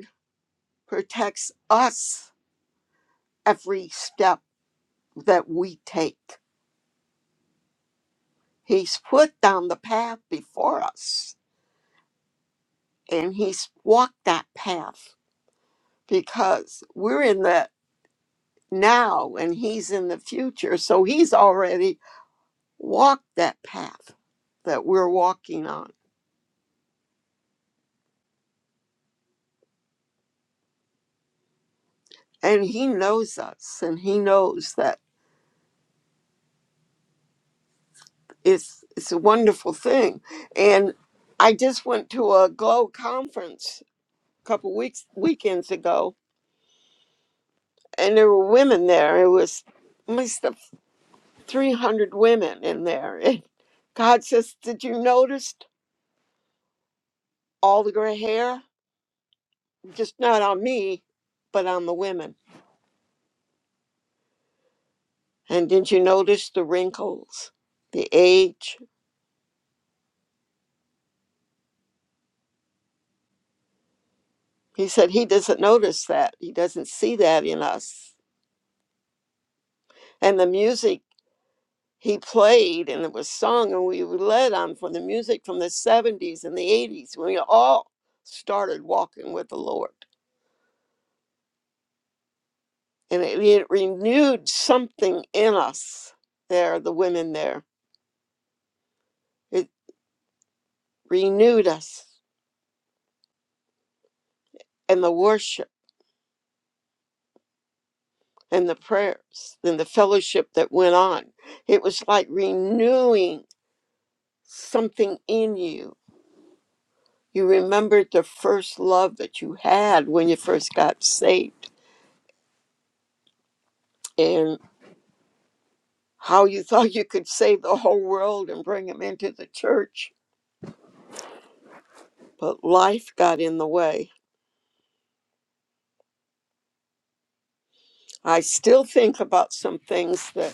protects us every step that we take. He's put down the path before us and He's walked that path because we're in that. now and he's in the future. So he's already walked that path that we're walking on. And he knows us and he knows that it's it's a wonderful thing. And I just went to a glow conference a couple weeks weekends ago and there were women there. It was at least 300 women in there. And God says, "Did you notice all the gray hair? Just not on me, but on the women." And didn't you notice the wrinkles, the age? He said he doesn't notice that. He doesn't see that in us. And the music he played and it was sung, and we led on from the music from the 70s and the 80s when we all started walking with the Lord. And it, it renewed something in us there, the women there. It renewed us and the worship and the prayers and the fellowship that went on. It was like renewing something in you. You remembered the first love that you had when you first got saved and how you [laughs] thought you could save the whole world and bring them into the church. But life got in the way. I still think about some things that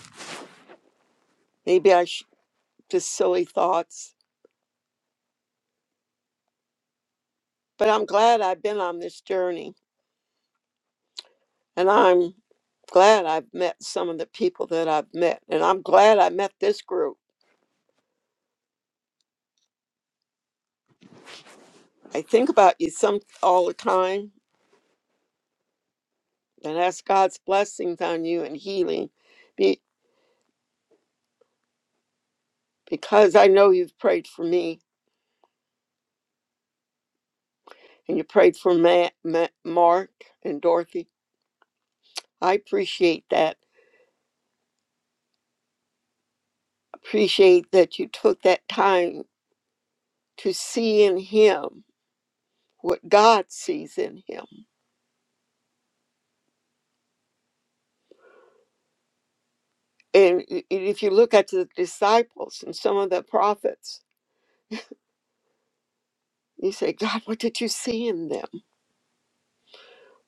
maybe I sh- just silly thoughts, but I'm glad I've been on this journey and I'm glad I've met some of the people that I've met and I'm glad I met this group. I think about you some all the time and ask God's blessings on you and healing be, because I know you've prayed for me and you prayed for Ma- Ma- Mark and Dorothy. I appreciate that. Appreciate that you took that time to see in him what God sees in him. And i- if you look at the disciples and some of the prophets, you say, God, what did you see in them?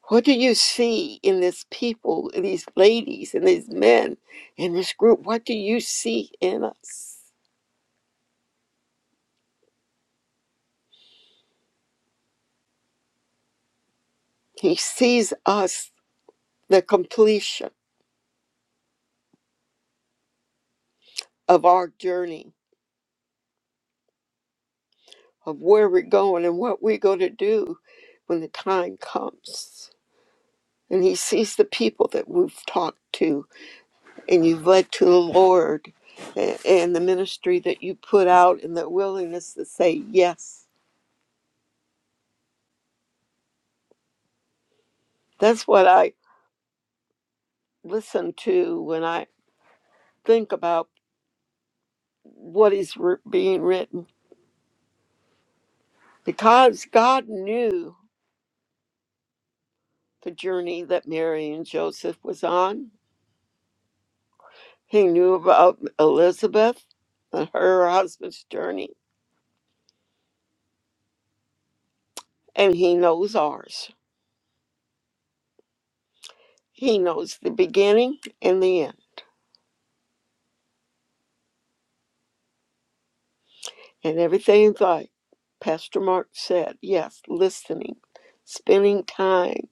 What do you see in this people, in these ladies, and these men, in this group? What do you see in us? He sees us, the completion of our journey, of where we're going and what we're going to do when the time comes. And he sees the people that we've talked to and you've led to the Lord a- and the ministry that you put out and the willingness to say yes. That's what I listen to when I think about. what is wr- being written because God knew the journey that Mary and Joseph was on. He knew about Elizabeth and her husband's journey, and he knows ours. He knows the beginning and the end, and everything like Pastor Mark said. Yes, listening, spending time,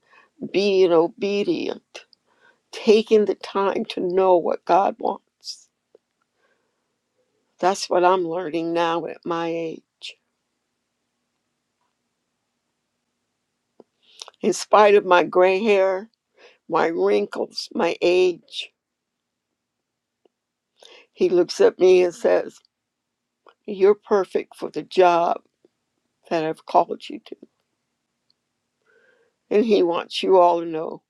being obedient, taking the time to know what God wants. That's what I'm learning now at my age In spite of my gray hair, my wrinkles, my age, he looks at me and says, You're perfect for the job that I've called you to. And he wants you all to know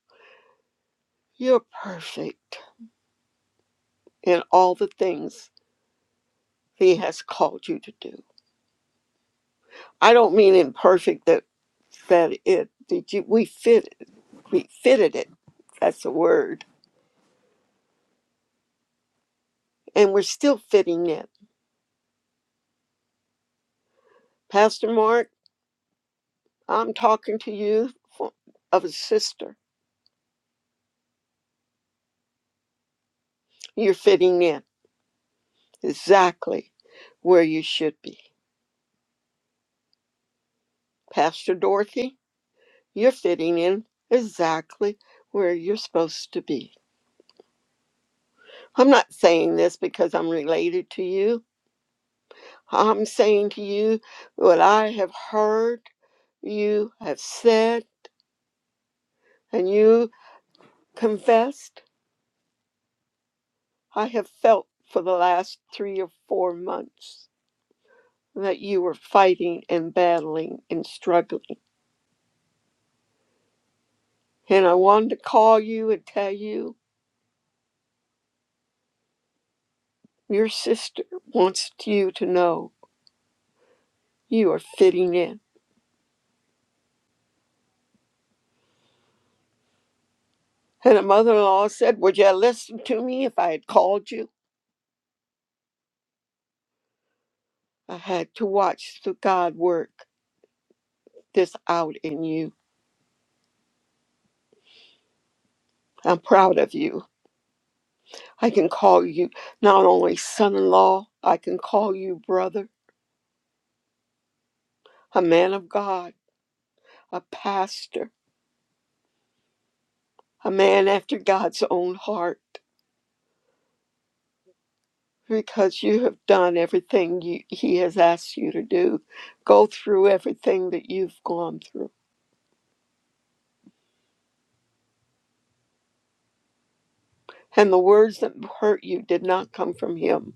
you're perfect in all the things he has called you to do. I don't mean imperfect that that it did you we fit it. we fitted it. That's the word. And we're still fitting it. Pastor Mark, I'm talking to you for, of a sister. You're fitting in exactly where you should be. Pastor Dorothy, you're fitting in exactly where you're supposed to be. I'm not saying this because I'm related to you. I'm saying to you what I have heard, you have said, and you confessed. I have felt for the last three or four months that you were fighting and battling and struggling. And I wanted to call you and tell you Your sister wants you to know you are fitting in. And a mother in law said, Would you listen to me if I had called you? I had to watch the God work this out in you. I'm proud of you. I can call you not only son in law, I can call you brother, a man of God, a pastor, a man after God's own heart, because you have done everything you, He has asked you to do. Go through everything that you've gone through And the words that hurt you did not come from him.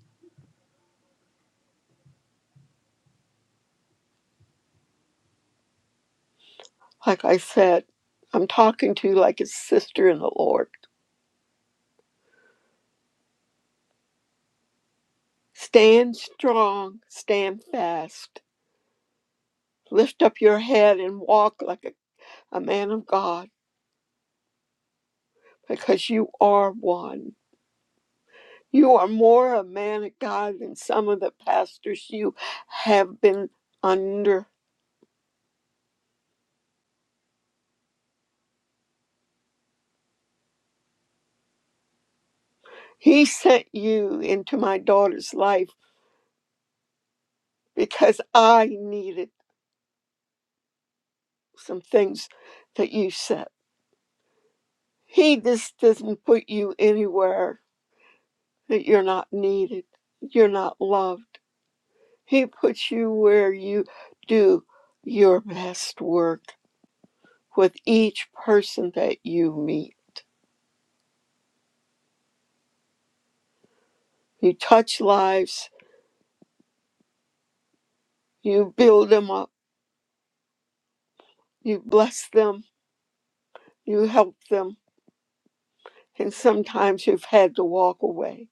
Like I said, I'm talking to you like a sister in the Lord. Stand strong, stand fast. Lift up your head and walk like a, a man of God because you are one. You are more a man of God than some of the pastors you have been under. He sent you into my daughter's life because I needed some things that you said. He just doesn't put you anywhere that you're not needed, you're not loved. He puts you where you do your best work with each person that you meet. You touch lives, you build them up, you bless them, you help them, and sometimes you've had to walk away.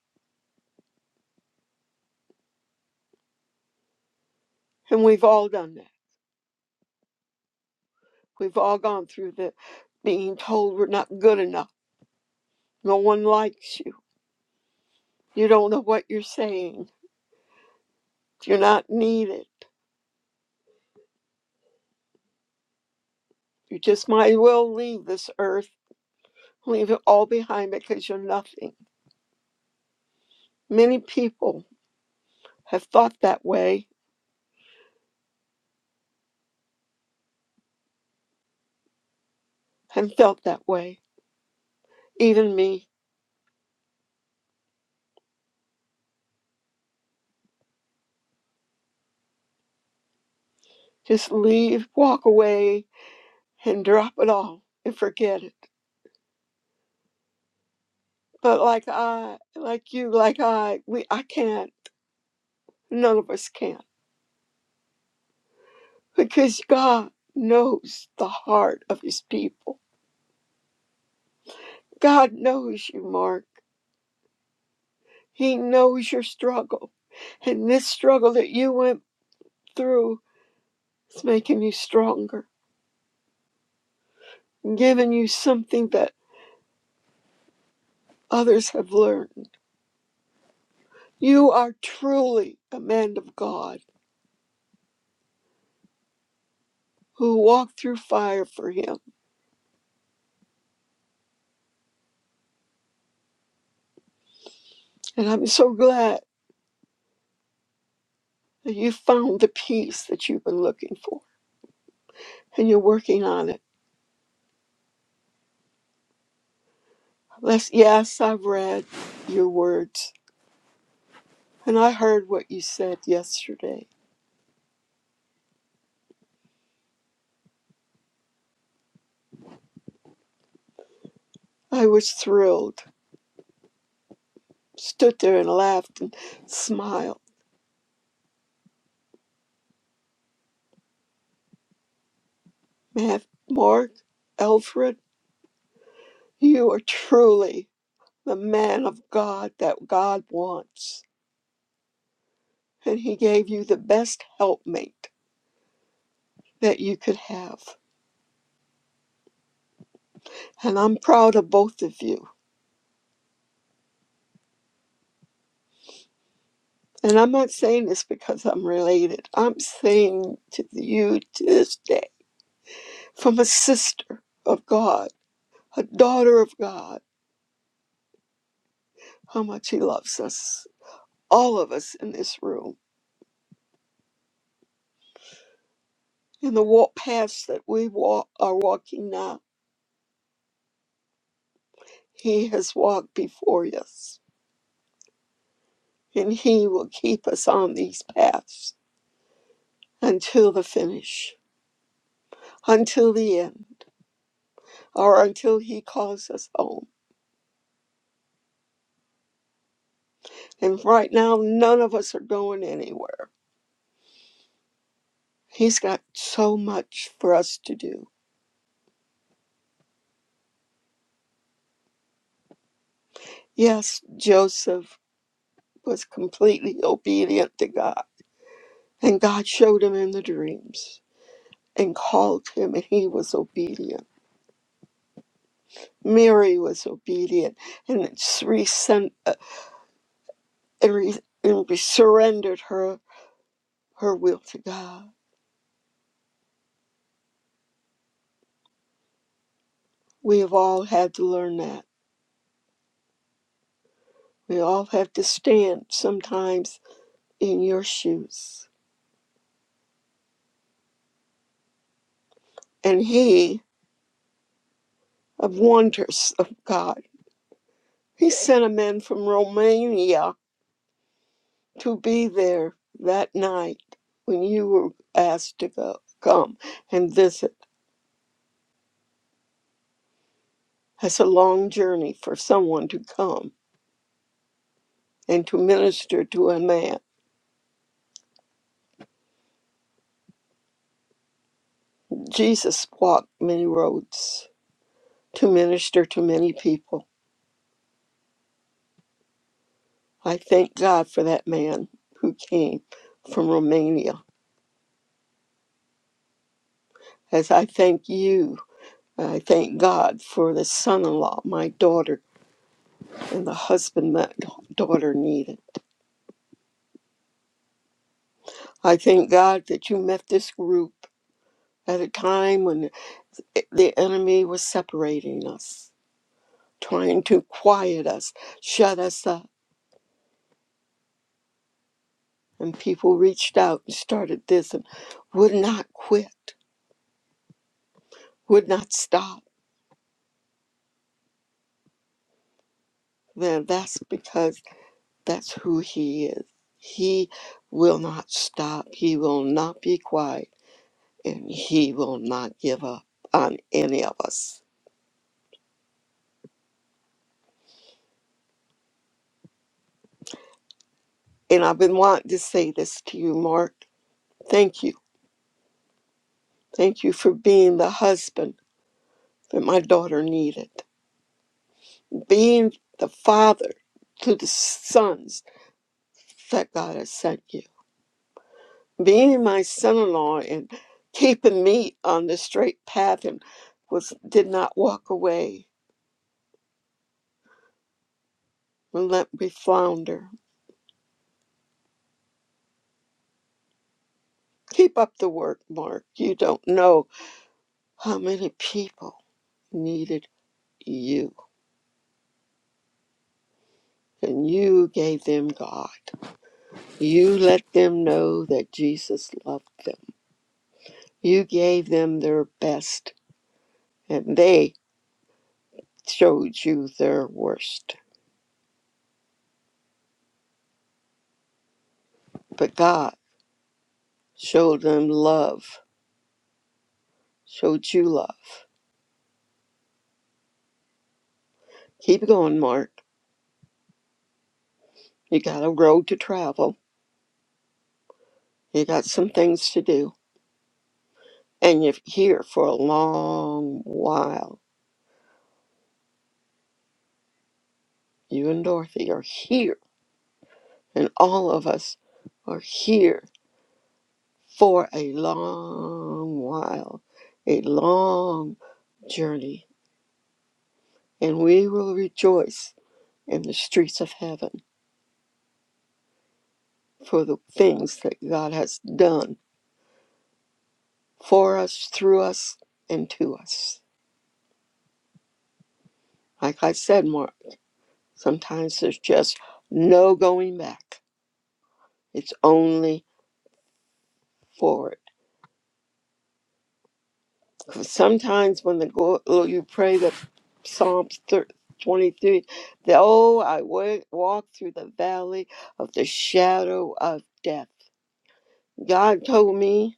And we've all done that. We've all gone through the being told we're not good enough. No one likes you. You don't know what you're saying You're not needed. You just might as well leave this earth, leave it all behind because you're nothing. Many people have thought that way and felt that way, even me. Just leave, walk away, and drop it all and forget it. But like I, like you, like I, we, I can't. None of us can because God knows the heart of His people. God knows you, Mark. He knows your struggle and this struggle that you went through. It's making you stronger, giving you something that others have learned. You are truly a man of God who walked through fire for Him. And I'm so glad that you found the peace that you've been looking for and you're working on it. Let's, yes, I've read your words and I heard what you said yesterday. I was thrilled, stood there and laughed and smiled. Matt, Mark, Alfred, you are truly the man of God that God wants. And He gave you the best helpmate that you could have. And I'm proud of both of you. And I'm not saying this because I'm related. I'm saying to you to this day, from a sister of God, a daughter of God, how much He loves us, all of us in this room. In the walk paths that we walk, are walking now, He has walked before us, and He will keep us on these paths until the finish, until the end, or until He calls us home. And right now, none of us are going anywhere. He's got so much for us to do. Yes, Joseph was completely obedient to God, and God showed him in the dreams and called him, and he was obedient. Mary was obedient and, resent, uh, and, re- and re- surrendered her, her will to God. We have all had to learn that We all have to stand sometimes in your shoes. And he of wonders of God, he sent a man from Romania to be there that night when you were asked to go come and visit. That's a long journey for someone to come and to minister to a man. Jesus walked many roads to minister to many people. I thank God for that man who came from Romania as I thank you. I thank God for the son in law my daughter and the husband my daughter needed. I thank God that you met this group at a time when the enemy was separating us, trying to quiet us, shut us up. And people reached out and started this and would not quit, would not stop. Then that's because that's who he is. He will not stop. He will not be quiet. and he will not give up on any of us. And I've been wanting to say this to you, Mark. Thank you. Thank you for being the husband that my daughter needed, being the father to the sons that God has sent you, being my son in law and keeping me on the straight path and was did not walk away and let me flounder. Keep up the work, Mark. You don't know how many people needed you and you gave them God. You let them know that Jesus loved them. You gave them their best, and they showed you their worst. But God showed them love, showed you love. Keep going, Mark. You got a road to travel, you got some things to do, and you're here for a long while. You and Dorothy are here, and all of us are here for a long while, a long journey, and we will rejoice in the streets of heaven for the things that God has done for us, through us, and to us. Like I said, Mark, sometimes there's just no going back. It's only forward. sometimes when the go- oh, you pray the Psalms thir- 23, the, oh, I wa- walk through the valley of the shadow of death. God told me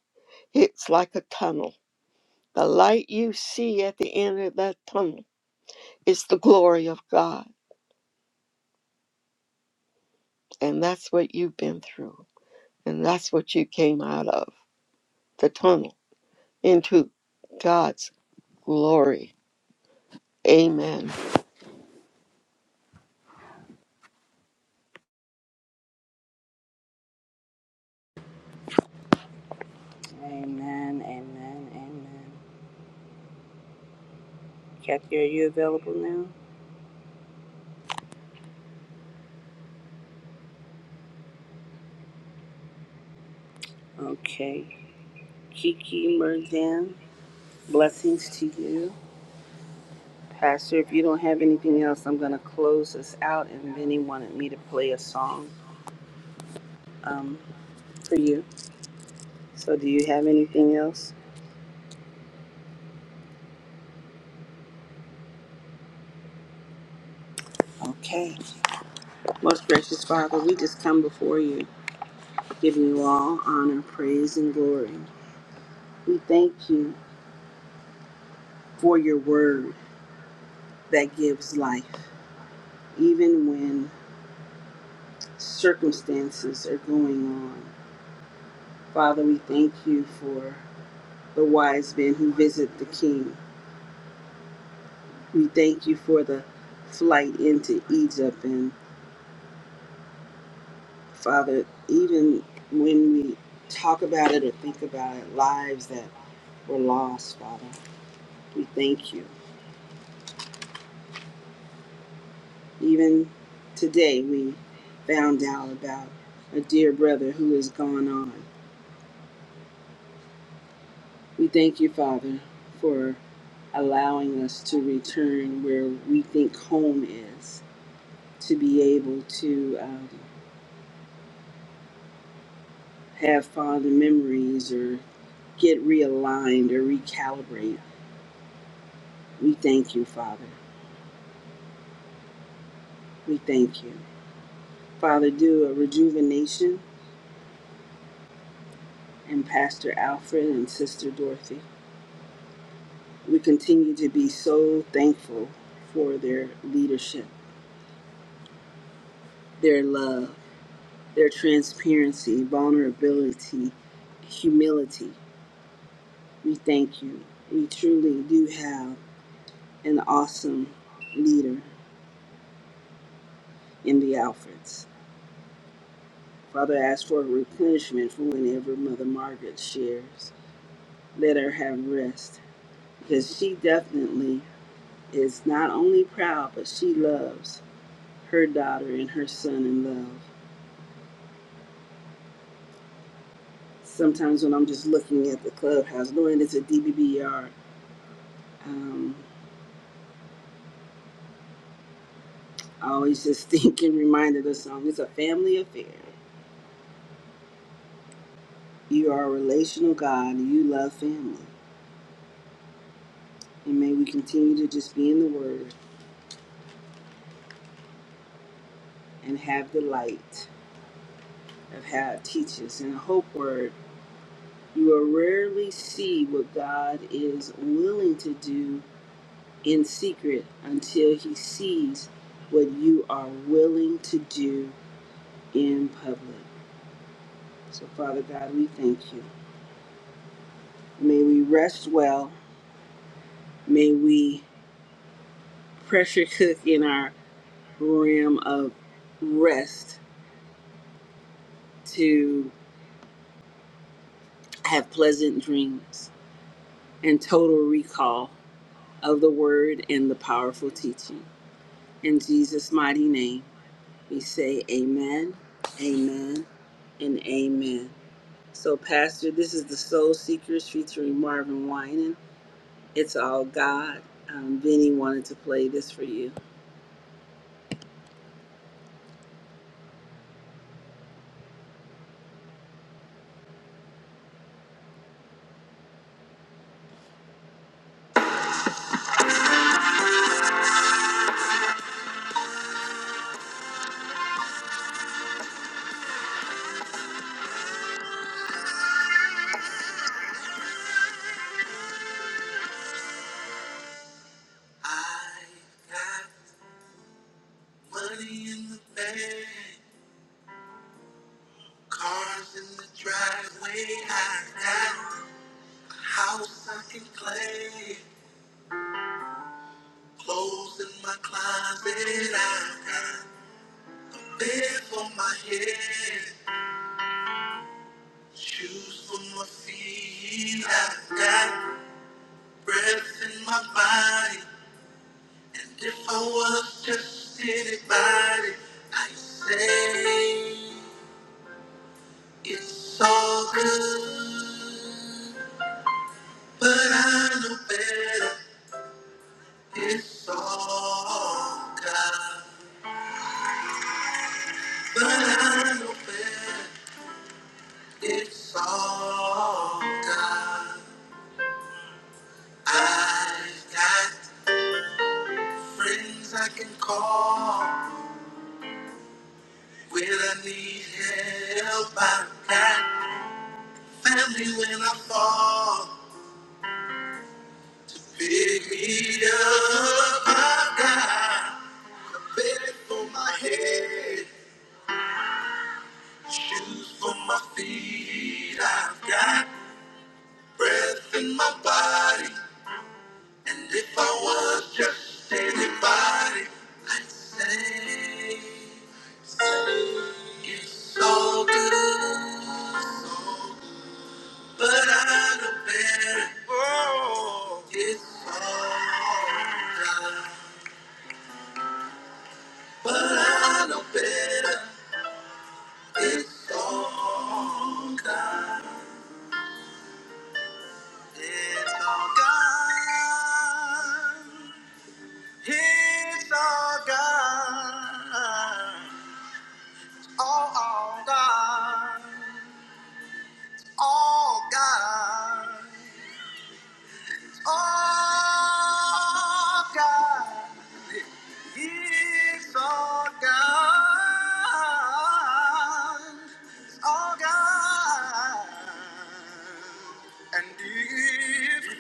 it's like a tunnel. The light you see at the end of that tunnel is the glory of God. And that's what you've been through. And that's what you came out of the tunnel into God's glory. Amen.
Amen, amen, amen. Kathy, are you available now? Okay. Kiki Merjam. Blessings to you. Pastor, if you don't have anything else, I'm going to close this out. And Vinny wanted me to play a song um, for you. So, do you have anything else? Okay. Most gracious Father, we just come before you, giving you all honor, praise, and glory. We thank you for your word that gives life, even when circumstances are going on. Father, we thank you for the wise men who visit the king We thank you for the flight into Egypt. And Father, even when we talk about it or think about it, lives that were lost, Father, we thank you. Even today, we found out about a dear brother who has gone on. We thank you, Father, for allowing us to return where we think home is, to be able to. Um, have fond memories or get realigned or recalibrate. We thank you, Father. We thank you. Father, do a rejuvenation in Pastor Alfred and Sister Dorothy. We continue to be so thankful for their leadership, their love, their transparency, vulnerability, humility. We thank you. We truly do have an awesome leader in the Alfreds. Father, ask for replenishment for whenever Mother Margaret shares. Let her have rest, because she definitely is not only proud, but she loves her daughter and her son in love. Sometimes when I'm just looking at the clubhouse, knowing it's a DBBR, um, I always just [laughs] think and reminded the song, it's a family affair. You are a relational God, you love family. And may we continue to just be in the Word and have the light of how it teaches and a hope word You will rarely see what God is willing to do in secret until he sees what you are willing to do in public. So, Father God, we thank you. May we rest well. May we pressure cook in our realm of rest to have pleasant dreams and total recall of the word and the powerful teaching. In Jesus' mighty name. We say amen, amen, and amen. So, Pastor, this is the Soul Seekers featuring Marvin Winan. It's all God. Um, Vinny wanted to play this for you. Cars in the driveway, I have a house I can play. Clothes in my closet, I have bed for my head. Shoes for my feet, I got breath in my body. And if I was just anybody, I'd say it's all good. But I know better. It's all God. But I know better. It's all God. I've got friends I can call. Help I've got when I fall. Pick me up, baby, for my head. Shoes for my feet, I've got breath in my body. And if I was just anybody, I'd say it's all good, but I know better. It's all God, but I know better. It's all God, it's all God, it's all God. all, all God, all God, all God, yes, all God, all God, and if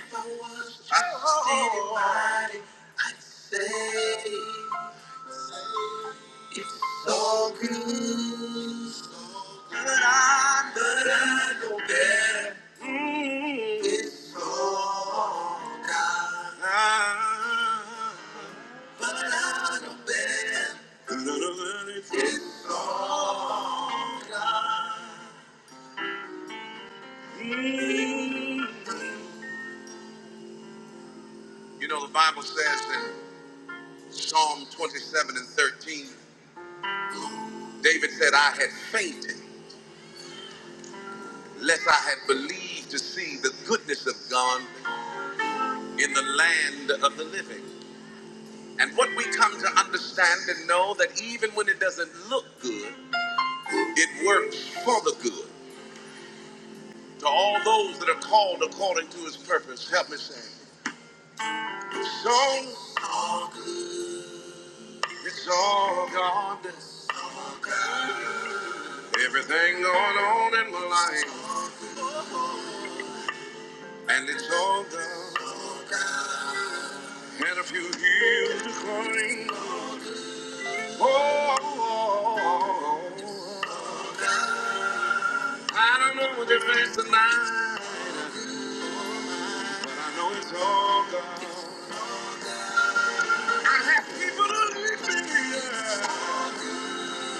you know the Bible says in Psalm 27 and 13, David said, I had fainted, lest I had believed to see the goodness of God in the land of the living. And what we come to understand and know that even when it doesn't look good, it works for the good. To all those that are called according to his purpose, help me say, So it's all God. Everything going on in my life, and it's all God. And a few years to claim. Oh, oh, oh, oh. I don't know what you're facing now, but I know it's all God. I yeah. Oh,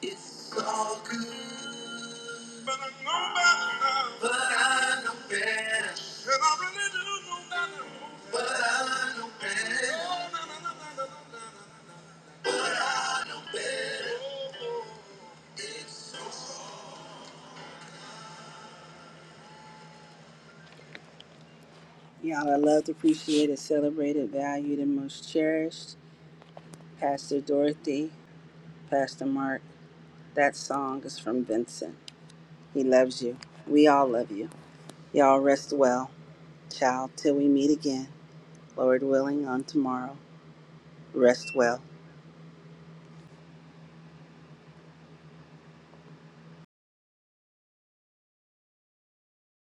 It's all good, but I know better. And i but I know better. Oh, no, no, no, no, no, no, no. But I know better. Oh, oh. It's so- Y'all are loved, appreciated, celebrated, valued, and most cherished. Pastor Dorothy, Pastor Mark. That song is from Vincent. He loves you. We all love you. Y'all rest well, child, till we meet again, Lord willing, on tomorrow. Rest well.